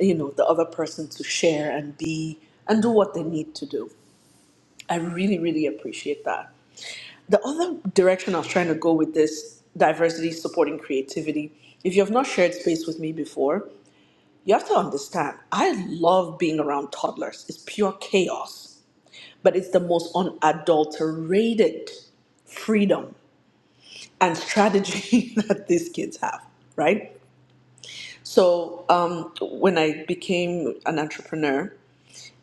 S4: you know, the other person to share and be and do what they need to do. I really, really appreciate that. The other direction I was trying to go with this diversity supporting creativity, if you have not shared space with me before, you have to understand I love being around toddlers. It's pure chaos but it's the most unadulterated freedom and strategy that these kids have, right? So um, when I became an entrepreneur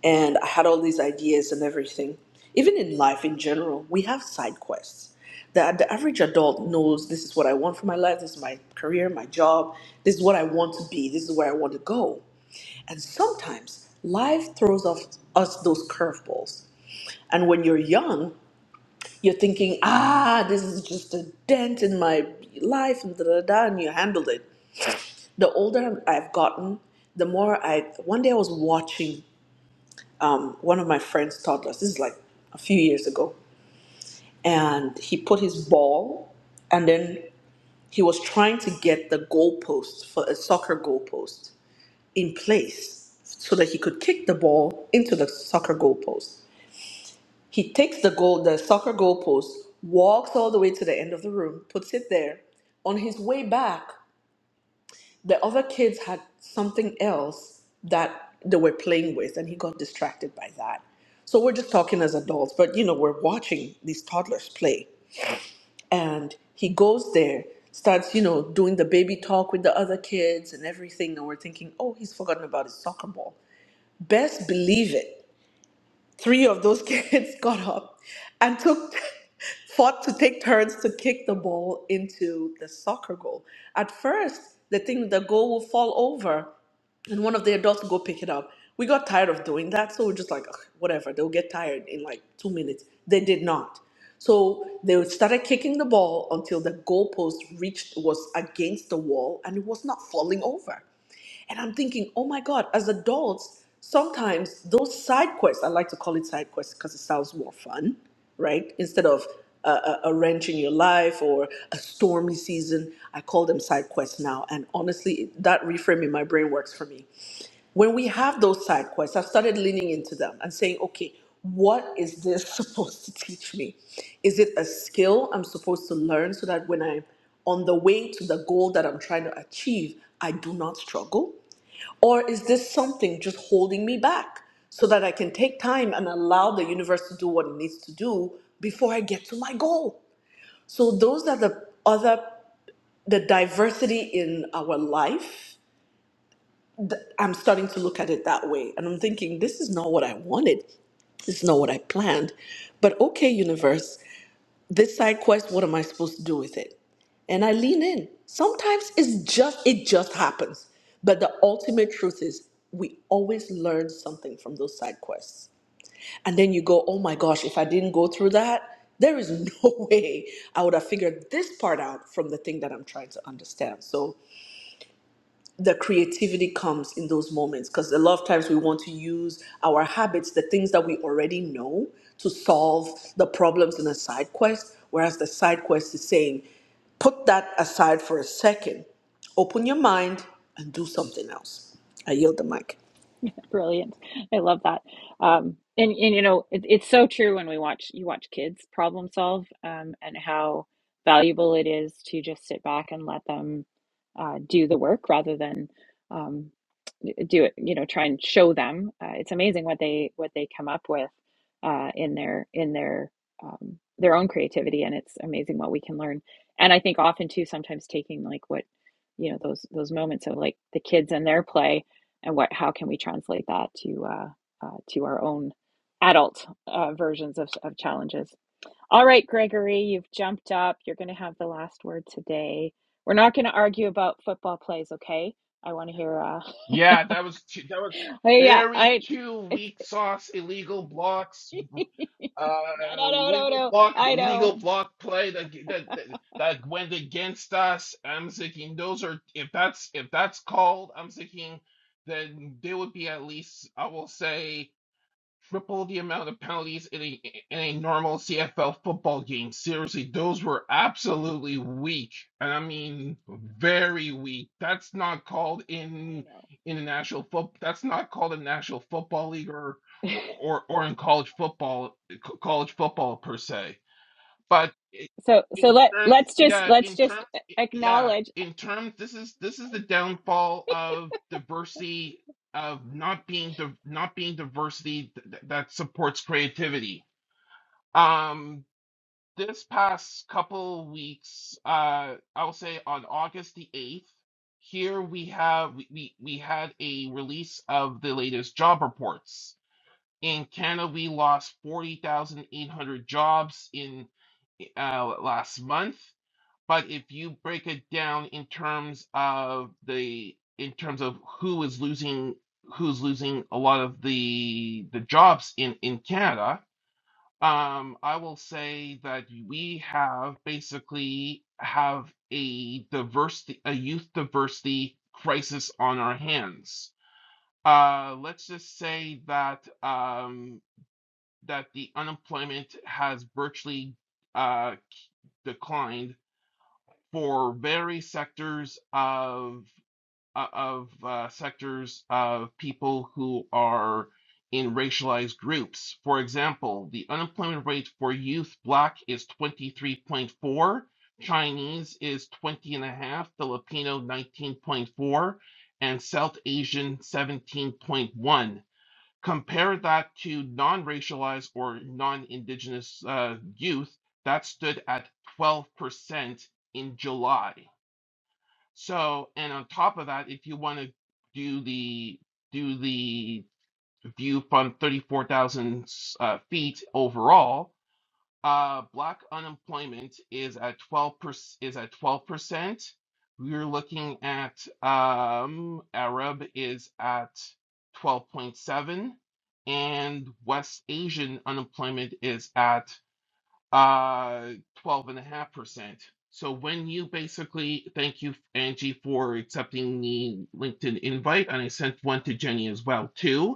S4: and I had all these ideas and everything, even in life in general, we have side quests. The, the average adult knows this is what I want for my life, this is my career, my job, this is what I want to be, this is where I want to go. And sometimes life throws off us those curveballs. And when you're young, you're thinking, ah, this is just a dent in my life, and da da da, and you handled it. The older I've gotten, the more I. One day I was watching um, one of my friend's toddlers. This is like a few years ago, and he put his ball, and then he was trying to get the goalpost for a soccer goalpost in place so that he could kick the ball into the soccer goalpost. He takes the goal, the soccer goal post, walks all the way to the end of the room, puts it there. On his way back, the other kids had something else that they were playing with, and he got distracted by that. So we're just talking as adults, but you know, we're watching these toddlers play. And he goes there, starts, you know, doing the baby talk with the other kids and everything. And we're thinking, oh, he's forgotten about his soccer ball. Best believe it. three of those kids got up and took fought to take turns to kick the ball into the soccer goal. At first, they think the goal will fall over and one of the adults will go pick it up. We got tired of doing that, so we're just like, "Ugh, whatever, they'll get tired in like two minutes. They did not. So they started kicking the ball until the goalpost reached was against the wall and it was not falling over. And I'm thinking, oh my God, as adults, sometimes those side quests, I like to call it side quests because it sounds more fun, right? Instead of a, a, a wrench in your life or a stormy season, I call them side quests now. And honestly, that reframe in my brain works for me. When we have those side quests, I've started leaning into them and saying, okay, what is this supposed to teach me? Is it a skill I'm supposed to learn so that when I'm on the way to the goal that I'm trying to achieve, I do not struggle? Or is this something just holding me back so that I can take time and allow the universe to do what it needs to do before I get to my goal? So, those are the other, the diversity in our life. I'm starting to look at it that way. And I'm thinking, this is not what I wanted. This is not what I planned. But okay, universe, this side quest what am i supposed to do with it and i lean in sometimes it's just it just happens but the ultimate truth is we always learn something from those side quests and then you go oh my gosh if i didn't go through that there is no way i would have figured this part out from the thing that i'm trying to understand so the creativity comes in those moments because a lot of times we want to use our habits, the things that we already know, to solve the problems in a side quest. Whereas the side quest is saying, put that aside for a second, open your mind, and do something else. I yield the mic.
S1: Brilliant. I love that. Um, and, and you know, it, it's so true when we watch you watch kids problem solve um, and how valuable it is to just sit back and let them uh, do the work rather than um, do it, you know, try and show them. Uh, it's amazing what they what they come up with uh, in their in their um, their own creativity, and it's amazing what we can learn. And I think often too, sometimes taking like what you know those those moments of like the kids and their play and what how can we translate that to uh, uh, to our own adult uh, versions of, of challenges all right gregory you've jumped up you're going to have the last word today we're not going to argue about football plays okay i want to hear uh
S5: Yeah, that was two, that was
S1: oh, yeah
S5: very
S1: i
S5: two
S1: it,
S5: weak sauce illegal blocks, uh,
S1: no no no no
S5: legal
S1: no
S5: block
S1: i know
S5: legal block play that that that, that went against us. I'm thinking those are if that's if that's called, I'm thinking then they would be at least I will say triple the amount of penalties in a in a normal CFL football game. Seriously, those were absolutely weak, and I mean very weak. That's not called in
S1: i
S5: in the national foot. That's not called in national football league or
S1: know
S5: or or in college football college football per se but i-
S1: so so
S5: in
S1: let
S5: terms
S1: let's just
S5: yeah
S1: let's
S5: in terms
S1: just
S5: yeah
S1: acknowledge
S5: in terms this is this is the downfall of diversity of not being div- not being diversity th- th- that supports creativity um this past couple weeks uh i'll say on august the 8th here we have we, we we had a release of the latest job reports in canada we lost 40,800 jobs in uh, last month. But if you break it down in terms of the in terms of who is losing who's losing a lot of the the jobs in in Canada, um, I will say that we have basically have a diversity a youth diversity crisis on our hands. Uh, let's just say that um, that the unemployment has virtually uh, declined for various sectors of uh, of uh, sectors of people who are in racialized groups. For example, the unemployment rate for youth black is 23.4, Chinese is 20 and a half, Filipino 19.4, and South Asian 17.1. Compare that to non racialized or non indigenous uh, youth, that stood at 12% in July. So, and on top of that, if you want to do the do the view from 34,000 uh, feet overall, uh, black unemployment is at 12% is at 12%. We're looking at um, Arab is at 12.7 and West Asian unemployment is at uh 12.5%. So when you basically thank you Angie for accepting the LinkedIn invite and I sent one to Jenny as well too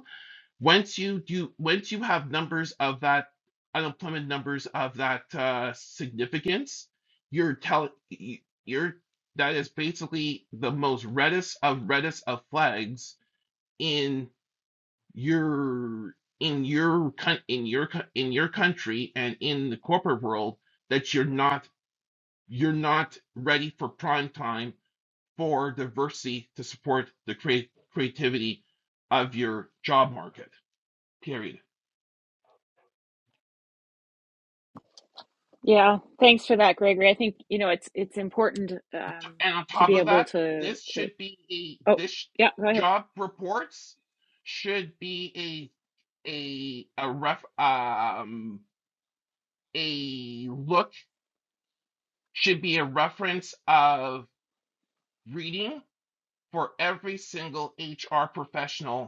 S5: once you do once you have numbers of that unemployment numbers of that uh, significance you're telling you're that is basically the most reddest of reddest of flags in your in your coun- in your cou- in your country and in the corporate world that you're not you're not ready for prime time for diversity to support the create creativity of your job market period
S1: Yeah, thanks for that, Gregory. I think you know it's it's important um,
S5: And on
S1: to
S5: top
S1: be
S5: of
S1: able
S5: that,
S1: to
S5: this
S1: to.
S5: should be
S1: Oh,
S5: a this
S1: yeah, go ahead.
S5: job reports should be a a a ref um a look should be a reference of reading for every single HR professional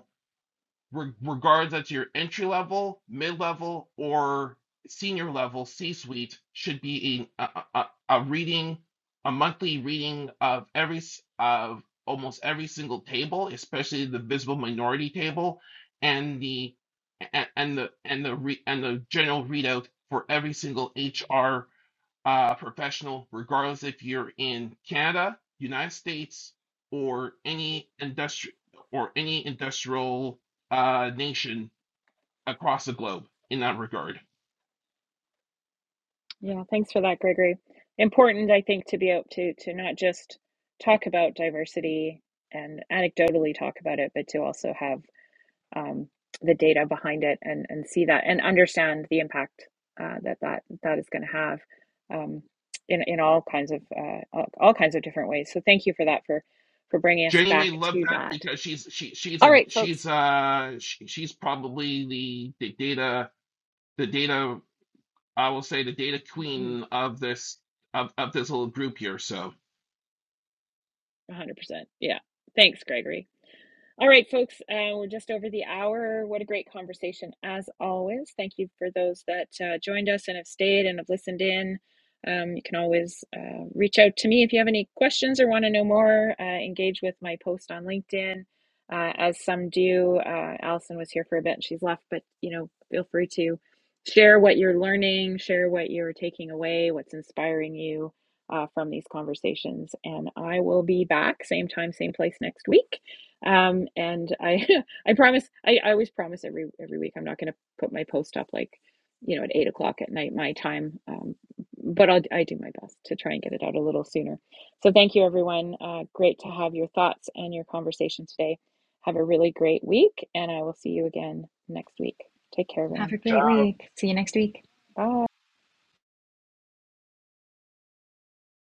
S5: re- regards that your entry level, mid level, or senior level C suite should be a, a, a reading, a monthly reading of every of almost every single table, especially the visible minority table, and the and the and the re, and the general readout for every single HR uh, professional, regardless if you're in Canada, United States, or any industri- or any industrial uh, nation across the globe. In that regard,
S1: Yeah, thanks for that, Gregory. Important, I think, to be able to to not just talk about diversity and anecdotally talk about it, but to also have um, the data behind it and, and see that and understand the impact uh, that, that that is going to have um, in, in all kinds of uh, all, all kinds of different ways. So thank you for that for for bringing us
S5: Jenny may
S1: back
S5: love
S1: to
S5: that
S1: that.
S5: because she's she she's
S1: All
S5: a
S1: right,
S5: she's
S1: folks.
S5: uh she, she's probably the the data the data I will say the data
S1: 100%.
S5: queen of this of of this little group here. So.
S1: Yeah. Thanks, Gregory. All right, folks, uh, we're just over the hour. What a great conversation, as always. Thank you for those that uh, joined us and have stayed and have listened in. Um, you can always uh, reach out to me if you have any questions or want to know more. Uh, engage with my post on LinkedIn, uh, as some do. Uh, Allison was here for a bit and she's left, but you know, feel free to share what you're learning, share what you're taking away, what's inspiring you uh, from these conversations. And I will be back, same time, same place next week. Um, and I, I promise, I, I always promise every every week I'm not going to put my post up like, you know, at eight o'clock at night my time. Um, but I'll I do my best to try and get it out a little sooner. So thank you, everyone. Uh, great to have your thoughts and your conversation today. Have a really great week, and I will see you again next week. Take care,
S2: Have
S1: everyone.
S2: a great week. See you next week.
S1: Bye.